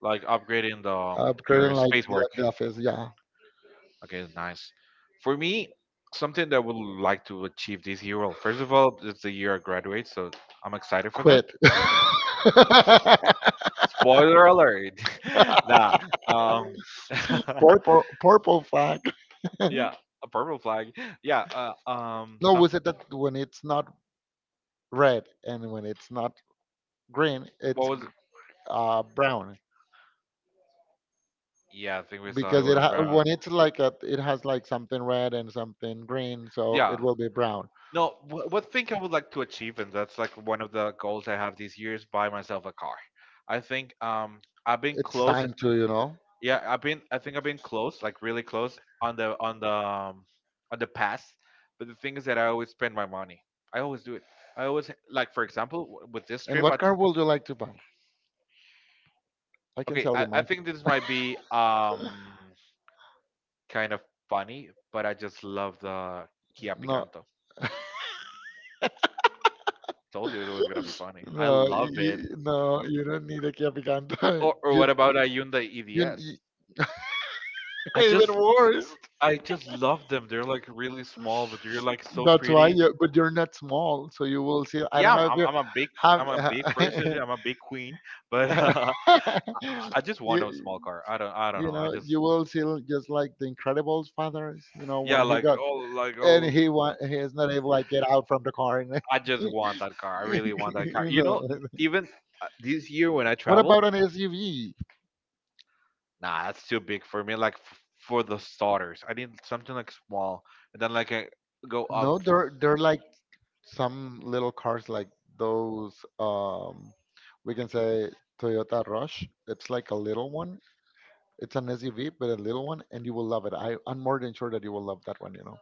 [SPEAKER 1] like upgrading the your
[SPEAKER 2] Upgrading like
[SPEAKER 1] space
[SPEAKER 2] like
[SPEAKER 1] work.
[SPEAKER 2] left the office. Yeah,
[SPEAKER 1] Okay, nice. For me, something that I would like to achieve this year. Well, first of all, it's the year I graduate, so I'm excited for that.
[SPEAKER 2] quit.
[SPEAKER 1] Spoiler alert. Nah. Um,
[SPEAKER 2] Purple flag.
[SPEAKER 1] yeah, a purple flag. Yeah,
[SPEAKER 2] No, we
[SPEAKER 1] some
[SPEAKER 2] said that when it's not red and when it's not green,
[SPEAKER 1] what
[SPEAKER 2] it's
[SPEAKER 1] was?
[SPEAKER 2] brown
[SPEAKER 1] Yeah, I think we saw it
[SPEAKER 2] because
[SPEAKER 1] was brown.
[SPEAKER 2] when it's like a, it has like something red and something green, so it
[SPEAKER 1] Yeah.
[SPEAKER 2] will be brown.
[SPEAKER 1] No, what thing I would like to achieve, and that's like one of the goals I have this year is buy myself a car. I think I've been
[SPEAKER 2] It's
[SPEAKER 1] close.
[SPEAKER 2] time to you know.
[SPEAKER 1] Yeah, I've been. I think I've been close, like really close on the on the past. But the thing is that I always spend my money. I always do it. I always like, for example, with this
[SPEAKER 2] And
[SPEAKER 1] trip.
[SPEAKER 2] what car would you like to buy? I can
[SPEAKER 1] Okay,
[SPEAKER 2] tell you
[SPEAKER 1] I
[SPEAKER 2] mine.
[SPEAKER 1] think this might be kind of funny, but I just love the Kia
[SPEAKER 2] No,
[SPEAKER 1] Picanto. Told you it was gonna be funny. I love it.
[SPEAKER 2] no, you don't need a Kia Picanto.
[SPEAKER 1] Or, or what
[SPEAKER 2] You,
[SPEAKER 1] about Hyundai
[SPEAKER 2] you
[SPEAKER 1] EDS? I
[SPEAKER 2] even
[SPEAKER 1] just
[SPEAKER 2] worse.
[SPEAKER 1] I just love them. They're like really small, but they're like so
[SPEAKER 2] That's why
[SPEAKER 1] pretty.
[SPEAKER 2] but you're not small, so you will see. I don't
[SPEAKER 1] Yeah,
[SPEAKER 2] know if you
[SPEAKER 1] I'm
[SPEAKER 2] have.
[SPEAKER 1] a big person. I'm a big queen, but
[SPEAKER 2] you,
[SPEAKER 1] I just want a small car.
[SPEAKER 2] you
[SPEAKER 1] I don't know. I
[SPEAKER 2] know,
[SPEAKER 1] just
[SPEAKER 2] you will see just like the Incredibles fathers. You know,
[SPEAKER 1] yeah,
[SPEAKER 2] when he got
[SPEAKER 1] like
[SPEAKER 2] and
[SPEAKER 1] oh,
[SPEAKER 2] he is not able like get out from the car. And
[SPEAKER 1] I just want that car. I really want that car.
[SPEAKER 2] you
[SPEAKER 1] You know,
[SPEAKER 2] know,
[SPEAKER 1] even this year when I
[SPEAKER 2] what
[SPEAKER 1] travel,
[SPEAKER 2] about an SUV?
[SPEAKER 1] nah, that's too big for me. Like for the starters, I need something like small, and then like I go
[SPEAKER 2] No,
[SPEAKER 1] up.
[SPEAKER 2] they're like some little cars like those we can say Toyota Rush. It's like a little one. It's an SUV, but a little one, and you will love it. I'm more than sure that you will love that one. You know,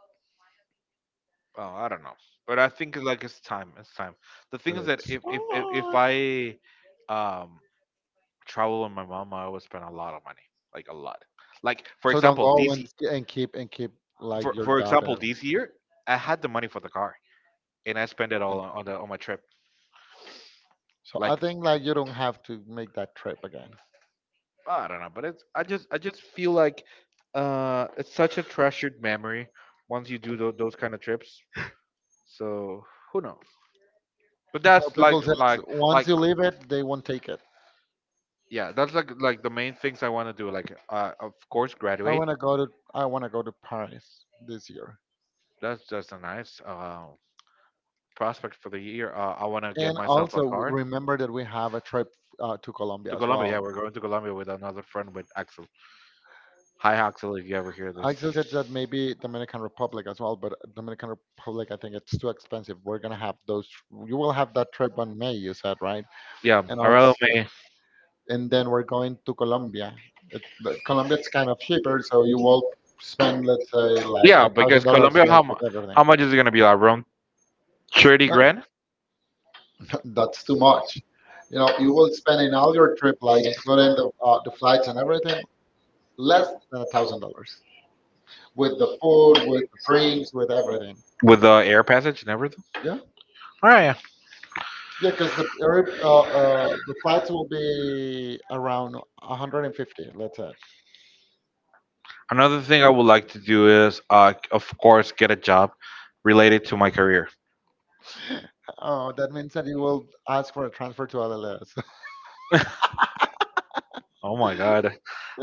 [SPEAKER 1] Oh, I don't know, but I think like it's time. It's time. The thing is that
[SPEAKER 2] it's
[SPEAKER 1] if I um travel with my mom, I would spend a lot of money, like a lot. Like for
[SPEAKER 2] so don't
[SPEAKER 1] example,
[SPEAKER 2] go and and keep and keep like your
[SPEAKER 1] for
[SPEAKER 2] job,
[SPEAKER 1] example
[SPEAKER 2] and,
[SPEAKER 1] this year, I had the money for the car, and I spent it all
[SPEAKER 2] and
[SPEAKER 1] on the on my trip.
[SPEAKER 2] so
[SPEAKER 1] So
[SPEAKER 2] I
[SPEAKER 1] like
[SPEAKER 2] think like you don't have to make that trip again.
[SPEAKER 1] I don't know, but it's I just feel like it's such a treasured memory once you do those kind of trips. So who knows? But
[SPEAKER 2] How
[SPEAKER 1] that's like
[SPEAKER 2] people
[SPEAKER 1] like
[SPEAKER 2] said, once
[SPEAKER 1] like
[SPEAKER 2] you leave it, they won't take it.
[SPEAKER 1] yeah, that's like the main things I want to do. Like of course
[SPEAKER 2] I
[SPEAKER 1] graduate.
[SPEAKER 2] wanna go to I wanna go to Paris this year,
[SPEAKER 1] That's just a nice prospect for the year. I want to get
[SPEAKER 2] and
[SPEAKER 1] myself
[SPEAKER 2] also
[SPEAKER 1] a car
[SPEAKER 2] remember that we have a trip to Colombia
[SPEAKER 1] to
[SPEAKER 2] as
[SPEAKER 1] Colombia. Yeah,
[SPEAKER 2] well.
[SPEAKER 1] we're going to Colombia with another friend with Axel. Hi Axel, if you ever hear this.
[SPEAKER 2] Axel said that maybe Dominican Republic as well, but Dominican Republic, I think it's too expensive. We're gonna have those. You will have that trip on May, you said, right?
[SPEAKER 1] Yeah,
[SPEAKER 2] And
[SPEAKER 1] around
[SPEAKER 2] also,
[SPEAKER 1] May.
[SPEAKER 2] and then we're going to Colombia. But Colombia, it's kind of cheaper, so you will spend, let's say, like
[SPEAKER 1] Yeah,
[SPEAKER 2] a thousand
[SPEAKER 1] because
[SPEAKER 2] dollars,
[SPEAKER 1] Colombia,
[SPEAKER 2] like with everything.
[SPEAKER 1] how much is it gonna be? Like, around thirty
[SPEAKER 2] No,
[SPEAKER 1] grand
[SPEAKER 2] that's too much. You know, you will spend in all your trip, like including the flights and everything, less than $1,000 with the food, with the drinks, with everything.
[SPEAKER 1] with the air passage and everything.
[SPEAKER 2] Yeah.
[SPEAKER 1] Oh yeah.
[SPEAKER 2] Yeah, because the flights will be around 150, let's say.
[SPEAKER 1] Another thing I would like to do is, of course, get a job related to my career.
[SPEAKER 2] Oh, that means that you will ask for a transfer to LLS.
[SPEAKER 1] oh my god,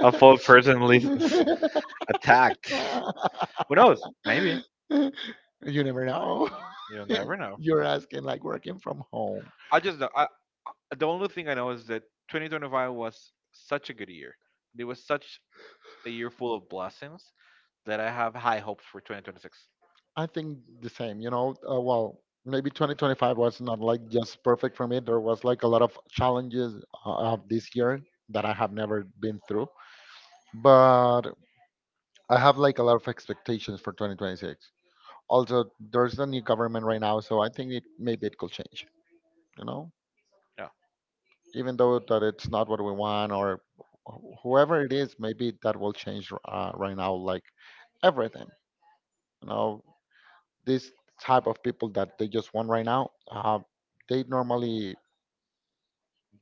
[SPEAKER 1] I felt personally attacked. Who knows? Maybe
[SPEAKER 2] You never know.
[SPEAKER 1] you'll never know.
[SPEAKER 2] You're asking like working from home.
[SPEAKER 1] I just I, the only thing I know is that 2025 was such a good year. It was such a year full of blessings that I have high hopes for 2026.
[SPEAKER 2] I think the same, you know. Well, maybe 2025 was not like just perfect for me. There was like a lot of challenges of this year that I have never been through. But I have like a lot of expectations for 2026. Also, there's a new government right now, so I think it maybe it could change. You know,
[SPEAKER 1] Yeah,
[SPEAKER 2] even though that it's not what we want or whoever it is, maybe that will change right now. Like everything, you know, this type of people that they just want right now, they normally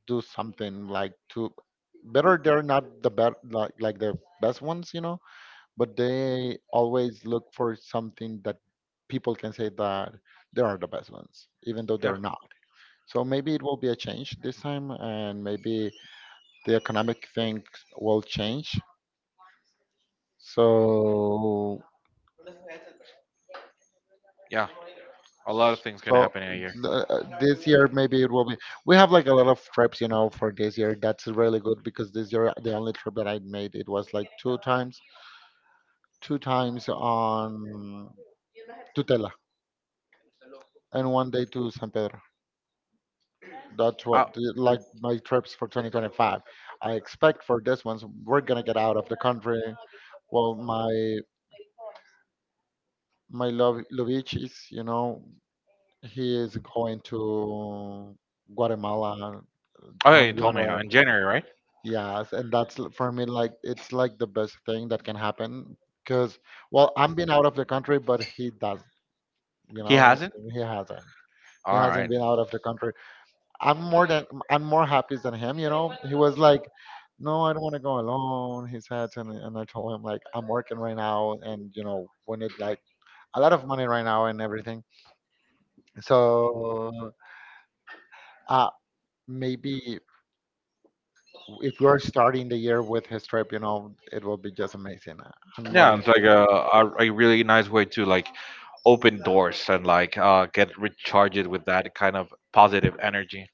[SPEAKER 2] do something like to better. They're not the best, like the best ones, you know, but they always look for something that people can say that they are the best ones, even though
[SPEAKER 1] yeah,
[SPEAKER 2] they're not. So maybe it will be a change this time, and maybe the economic things will change. So,
[SPEAKER 1] yeah. A lot of things gonna
[SPEAKER 2] so
[SPEAKER 1] happen in a year.
[SPEAKER 2] uh, uh, this year maybe it will be. We have like a lot of trips, you know, for this year. That's really good because this year the only trip that I made it was like two times on Tutela and one day to San Pedro. That's
[SPEAKER 1] I,
[SPEAKER 2] what, like my trips for 2025. I expect for this ones we're gonna get out of the country. Well, my love Lovich is, you know, he is going to Guatemala
[SPEAKER 1] Oh yeah,
[SPEAKER 2] on
[SPEAKER 1] you told me
[SPEAKER 2] January.
[SPEAKER 1] in January, right?
[SPEAKER 2] Yes, and that's for me like it's like the best thing that can happen because well, I'm been out of the country, but he does, you
[SPEAKER 1] He
[SPEAKER 2] know. Yeah.
[SPEAKER 1] hasn't.
[SPEAKER 2] He hasn't. He
[SPEAKER 1] All
[SPEAKER 2] hasn't
[SPEAKER 1] right.
[SPEAKER 2] been out of the country. I'm more happy than him. You know, he was like, "No, I don't want to go alone." He said, and I told him like, "I'm working right now, and you know, we need like a lot of money right now and everything." So, uh, maybe if we are starting the year with his trip, you know, it will be just amazing. I'm more
[SPEAKER 1] Yeah,
[SPEAKER 2] than
[SPEAKER 1] it's
[SPEAKER 2] sure
[SPEAKER 1] like
[SPEAKER 2] that.
[SPEAKER 1] a really nice way to like open doors and like get recharged with that kind of positive energy.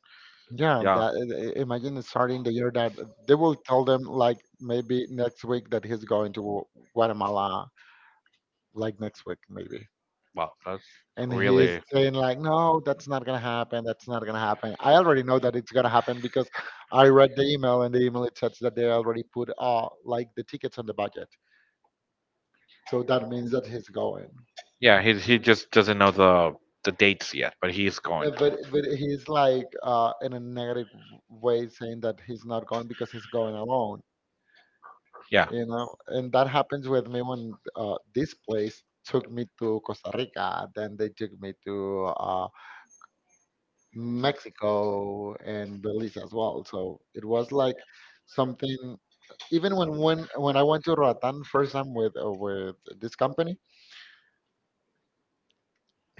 [SPEAKER 2] Yeah,
[SPEAKER 1] Yeah.
[SPEAKER 2] that imagine starting the year that they will tell them like maybe next week that he's going to Guatemala, like next week maybe.
[SPEAKER 1] Wow, that's
[SPEAKER 2] And he's
[SPEAKER 1] really.
[SPEAKER 2] saying like, no, that's not gonna happen. That's not gonna happen. I already know that it's gonna happen because I read the email and the email it says that they already put like the tickets on the budget. So that means that he's going.
[SPEAKER 1] Yeah, he just doesn't know the dates yet, but he's going.
[SPEAKER 2] But he's like in a negative way saying that he's not going because he's going alone,
[SPEAKER 1] Yeah.
[SPEAKER 2] you know. And that happens with me when this place took me to Costa Rica. Then they took me to uh Mexico and Belize as well. So it was like something. Even when I went to Roatan first time with this company,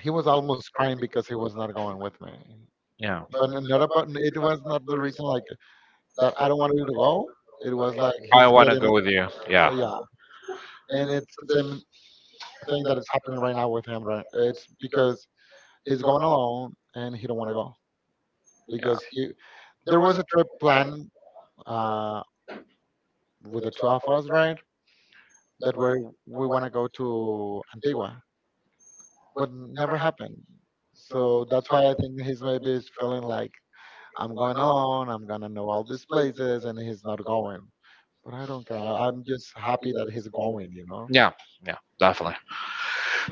[SPEAKER 2] he was almost crying because he was not going with me.
[SPEAKER 1] Yeah.
[SPEAKER 2] But not about it was not the reason like that I don't want you to go. It was like
[SPEAKER 1] I
[SPEAKER 2] he's
[SPEAKER 1] want to
[SPEAKER 2] getting
[SPEAKER 1] go with you. Yeah.
[SPEAKER 2] yeah, and it's the same thing that is happening right now with him. Right, it's because he's going alone and he don't want to go because he there was a trip planned uh, with the two of us, right? That we want to go to Antigua, but never happened. So that's why I think he's maybe is feeling like I'm going alone. I'm gonna know all these places, and he's not going. But I don't care. I'm just happy that he's going. You know,
[SPEAKER 1] Yeah. Yeah. Definitely.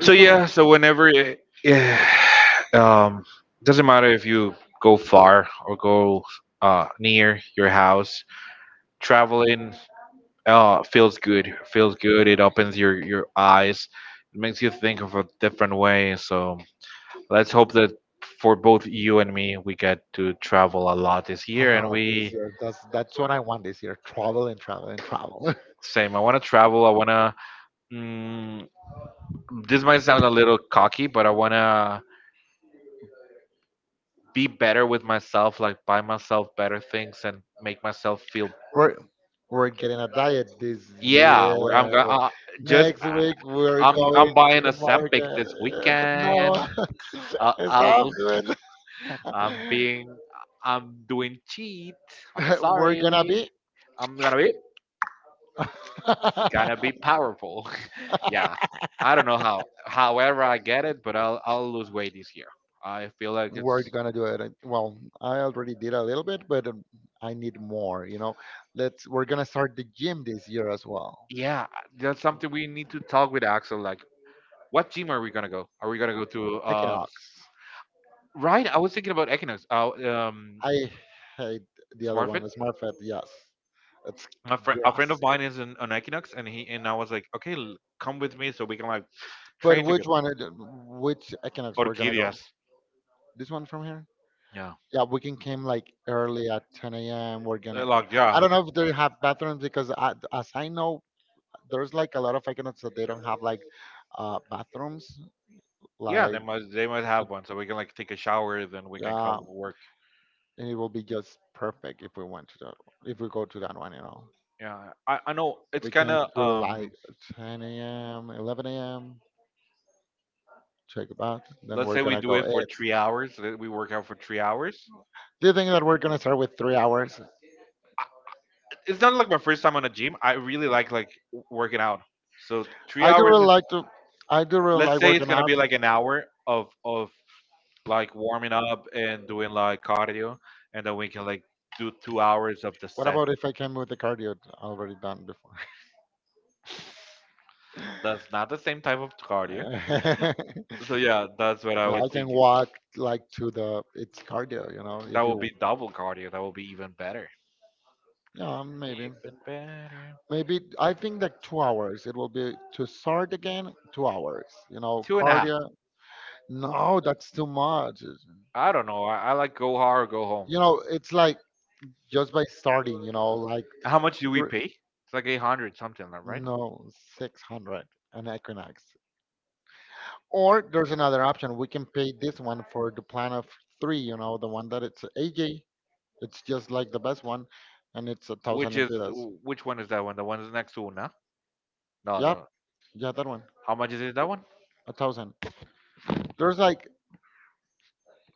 [SPEAKER 1] So
[SPEAKER 2] one
[SPEAKER 1] yeah, so whenever yeah, um, doesn't matter if you go far or go near your house, traveling feels good. Feels good.
[SPEAKER 2] uh,
[SPEAKER 1] It opens your eyes. It makes you think of a different way. So let's hope that for both you and me, we get to travel a lot this
[SPEAKER 2] a
[SPEAKER 1] year, and
[SPEAKER 2] lot this
[SPEAKER 1] we
[SPEAKER 2] year. That's what I want this year: travel and travel and travel.
[SPEAKER 1] same. I want to travel. I want to. Mm, this might sound a little cocky, but I want to be better with myself, like buy myself better things and make myself feel.
[SPEAKER 2] we're we're getting a diet this year.
[SPEAKER 1] I'm gonna just
[SPEAKER 2] Next week we're going
[SPEAKER 1] I'm
[SPEAKER 2] to
[SPEAKER 1] buying a
[SPEAKER 2] the
[SPEAKER 1] Sempic this
[SPEAKER 2] market.
[SPEAKER 1] weekend. Uh,
[SPEAKER 2] No,
[SPEAKER 1] I'll,
[SPEAKER 2] stop doing.
[SPEAKER 1] I'm being I'm doing cheat. I'm
[SPEAKER 2] We're
[SPEAKER 1] sorry.
[SPEAKER 2] gonna be.
[SPEAKER 1] I'm gonna be powerful. yeah, I don't know how. However, I get it, but I'll lose weight this year. I feel like
[SPEAKER 2] We're
[SPEAKER 1] it's
[SPEAKER 2] gonna do it. Well, I already did a little bit, but I need more. You know, let's. We're gonna start the gym this year as well.
[SPEAKER 1] yeah. That's something we need to talk with Axel. Like what gym are we gonna go? Are we gonna go to
[SPEAKER 2] Equinox.
[SPEAKER 1] right? I was thinking about Equinox.
[SPEAKER 2] I hate the other one.
[SPEAKER 1] SmartFit.
[SPEAKER 2] Smartfed. Yes, it's
[SPEAKER 1] A
[SPEAKER 2] grass.
[SPEAKER 1] friend of mine is on Equinox, and he and I was like, okay, come with me so we can like
[SPEAKER 2] But
[SPEAKER 1] train together.
[SPEAKER 2] which one? Which Equinox we're gonna go?
[SPEAKER 1] Orchideas.
[SPEAKER 2] This one from here?
[SPEAKER 1] Yeah.
[SPEAKER 2] Yeah, we can came like early at 10 a.m. We're
[SPEAKER 1] they
[SPEAKER 2] gonna.
[SPEAKER 1] like
[SPEAKER 2] I
[SPEAKER 1] yeah,
[SPEAKER 2] don't know if they have bathrooms because I, as I know, there's like a lot of icons that they don't have like bathrooms.
[SPEAKER 1] yeah.
[SPEAKER 2] Like
[SPEAKER 1] They must have one so we can like take a shower, then we can come
[SPEAKER 2] yeah,
[SPEAKER 1] work.
[SPEAKER 2] and it will be just perfect if we went to that if we go to that one, you know.
[SPEAKER 1] Yeah. I know it's
[SPEAKER 2] We
[SPEAKER 1] kind
[SPEAKER 2] came
[SPEAKER 1] of
[SPEAKER 2] through
[SPEAKER 1] um.
[SPEAKER 2] like 10 a.m., 11 a.m., check a bath, then
[SPEAKER 1] Let's
[SPEAKER 2] we're
[SPEAKER 1] say we
[SPEAKER 2] gonna
[SPEAKER 1] do
[SPEAKER 2] go
[SPEAKER 1] it for
[SPEAKER 2] eat.
[SPEAKER 1] 3 hours. We work out for 3 hours.
[SPEAKER 2] Do you think that we're gonna start with 3 hours?
[SPEAKER 1] It's not like my first time on a gym. I really like working out. So three
[SPEAKER 2] I do
[SPEAKER 1] hours
[SPEAKER 2] really
[SPEAKER 1] is
[SPEAKER 2] like to I do really
[SPEAKER 1] let's
[SPEAKER 2] like
[SPEAKER 1] say it's
[SPEAKER 2] working
[SPEAKER 1] gonna
[SPEAKER 2] out.
[SPEAKER 1] be like an hour of like warming up and doing like cardio, and then we can like do 2 hours of the
[SPEAKER 2] What
[SPEAKER 1] set.
[SPEAKER 2] about if I came with the cardio already done before? like
[SPEAKER 1] That's not the same type of cardio. So yeah, that's what I
[SPEAKER 2] I
[SPEAKER 1] was
[SPEAKER 2] can
[SPEAKER 1] thinking.
[SPEAKER 2] walk like to the it's cardio, you know,
[SPEAKER 1] That
[SPEAKER 2] if
[SPEAKER 1] will
[SPEAKER 2] you
[SPEAKER 1] be double cardio. That will be even better.
[SPEAKER 2] yeah, maybe.
[SPEAKER 1] Even better.
[SPEAKER 2] Maybe I think like 2 hours. It will be to start again, 2 hours. You know,
[SPEAKER 1] Two and a half.
[SPEAKER 2] cardio. No, that's too much. You
[SPEAKER 1] I don't know. I like go hard or go home.
[SPEAKER 2] know, it's like just by starting. You know, like
[SPEAKER 1] How much do we
[SPEAKER 2] thr-
[SPEAKER 1] pay? It's like 800 something, like, right?
[SPEAKER 2] no 600 an Equinox. Or there's another option. We can pay this one for the plan of three. You know, the one that it's AJ. It's just like the best one, and it's a thousand
[SPEAKER 1] Which is
[SPEAKER 2] lempiras.
[SPEAKER 1] which one is that one? The one is next to Una? No,
[SPEAKER 2] Yep,
[SPEAKER 1] the
[SPEAKER 2] yeah, that one,
[SPEAKER 1] how much is it that one?
[SPEAKER 2] 1,000. There's like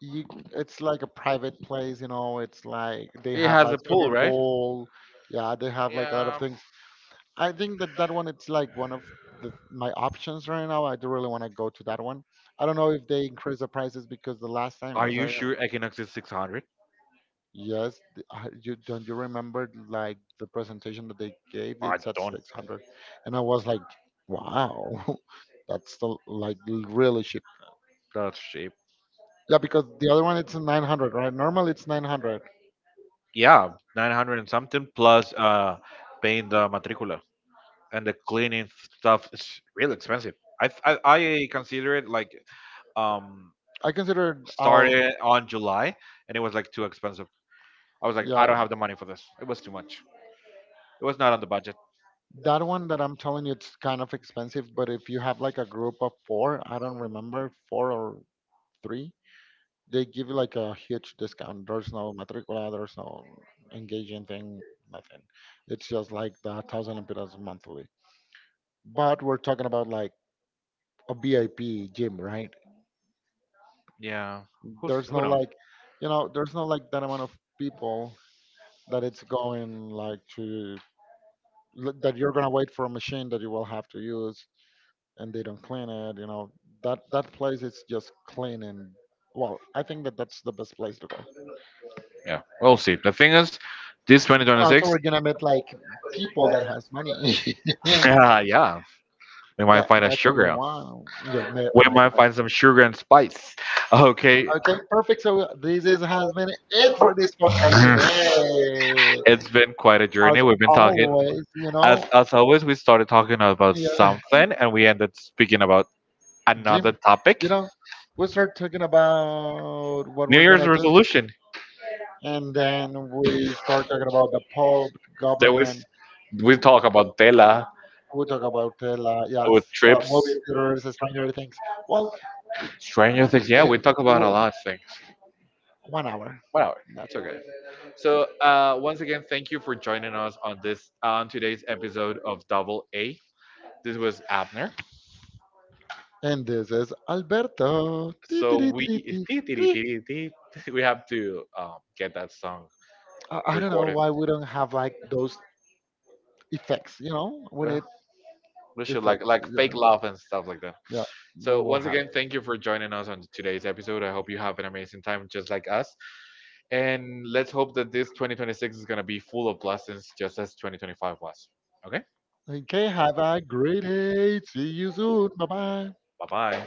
[SPEAKER 2] you it's like a private place, you know, it's like they
[SPEAKER 1] It
[SPEAKER 2] have Ah,
[SPEAKER 1] has a
[SPEAKER 2] like
[SPEAKER 1] pool,
[SPEAKER 2] swimming right.
[SPEAKER 1] right?
[SPEAKER 2] pool. Yeah, they have like a lot of things. I think that that one it's like one of my options right now. I do really want to go to that one. I don't know if they increase the prices because the last time
[SPEAKER 1] Are
[SPEAKER 2] as
[SPEAKER 1] you
[SPEAKER 2] I really?
[SPEAKER 1] sure Equinox is 600?
[SPEAKER 2] Yes, you don't you remember like the presentation that they gave
[SPEAKER 1] I
[SPEAKER 2] it's at
[SPEAKER 1] don't.
[SPEAKER 2] 600, and I was like wow. That's like really cheap.
[SPEAKER 1] That's cheap.
[SPEAKER 2] Yeah, because the other one it's 900, right? Normally it's 900.
[SPEAKER 1] Yeah, 900 and something plus paying the matricula, and the cleaning stuff is really expensive. I consider it like um
[SPEAKER 2] I consider it out.
[SPEAKER 1] started on July and it was like too expensive. I was like, I
[SPEAKER 2] Yeah,
[SPEAKER 1] don't have the money for this. It was too much. It was not on the budget.
[SPEAKER 2] that one that I'm telling you it's kind of expensive. But if you have like a group of four, I don't remember four or three, they give you like a huge discount. There's no matricula, there's no engaging thing, nothing. It's just like 1,000 lempiras monthly. But we're talking about like a VIP gym, right?
[SPEAKER 1] Yeah.
[SPEAKER 2] There's
[SPEAKER 1] Who
[SPEAKER 2] no
[SPEAKER 1] knows?
[SPEAKER 2] like, you know, there's no like that amount of people that it's going like to that you're gonna wait for a machine that you will have to use and they don't clean it, you know, that that place is just clean, and well, I think that that's the best place to go, and
[SPEAKER 1] Yeah, we'll see. The thing is, this
[SPEAKER 2] also
[SPEAKER 1] 2026,
[SPEAKER 2] we're gonna meet like people that has money. Yeah.
[SPEAKER 1] yeah, we might
[SPEAKER 2] that
[SPEAKER 1] find a
[SPEAKER 2] that's what we
[SPEAKER 1] sugar.
[SPEAKER 2] want. You met
[SPEAKER 1] We
[SPEAKER 2] my
[SPEAKER 1] might
[SPEAKER 2] friend.
[SPEAKER 1] find some sugar and spice. Okay.
[SPEAKER 2] Okay, perfect, so this is has been it for this podcast today.
[SPEAKER 1] It's been quite a journey.
[SPEAKER 2] As
[SPEAKER 1] We've been talking,
[SPEAKER 2] always, you know.
[SPEAKER 1] as always, we started talking about
[SPEAKER 2] Yeah.
[SPEAKER 1] something, and we ended speaking about
[SPEAKER 2] Jim,
[SPEAKER 1] another topic,
[SPEAKER 2] you know, we start talking about what
[SPEAKER 1] New
[SPEAKER 2] we're
[SPEAKER 1] Year's
[SPEAKER 2] gonna do,
[SPEAKER 1] resolution.
[SPEAKER 2] and then we start talking about the Pope,
[SPEAKER 1] There was
[SPEAKER 2] government.
[SPEAKER 1] we talk about Tela
[SPEAKER 2] We talk about yeah,
[SPEAKER 1] with trips,
[SPEAKER 2] movie theaters, Stranger Things. Well,
[SPEAKER 1] Stranger Things. Yeah,
[SPEAKER 2] eh,
[SPEAKER 1] we talk about a
[SPEAKER 2] w-
[SPEAKER 1] lot of things.
[SPEAKER 2] 1 hour.
[SPEAKER 1] Whatever,
[SPEAKER 2] No.
[SPEAKER 1] it's okay. So, once again, thank you for joining us on this on today's episode of Double A. This was Abner.
[SPEAKER 2] And this is Alberto. Ti, ti,
[SPEAKER 1] So
[SPEAKER 2] ti,
[SPEAKER 1] we
[SPEAKER 2] ti, ti, ti.
[SPEAKER 1] we have to get that song
[SPEAKER 2] I don't know
[SPEAKER 1] recorded.
[SPEAKER 2] why we don't have like those effects. You know, we
[SPEAKER 1] Well,
[SPEAKER 2] need
[SPEAKER 1] we should like
[SPEAKER 2] effects.
[SPEAKER 1] like
[SPEAKER 2] Yeah,
[SPEAKER 1] fake love and stuff like that.
[SPEAKER 2] yeah, we
[SPEAKER 1] So
[SPEAKER 2] will
[SPEAKER 1] once
[SPEAKER 2] have.
[SPEAKER 1] again, thank you for joining us on today's episode. I hope you have an amazing time just like us. And let's hope that this 2026 is gonna be full of blessings just as 2025 was. Okay?
[SPEAKER 2] Okay, have a great day. See you soon. Bye bye.
[SPEAKER 1] Bye bye.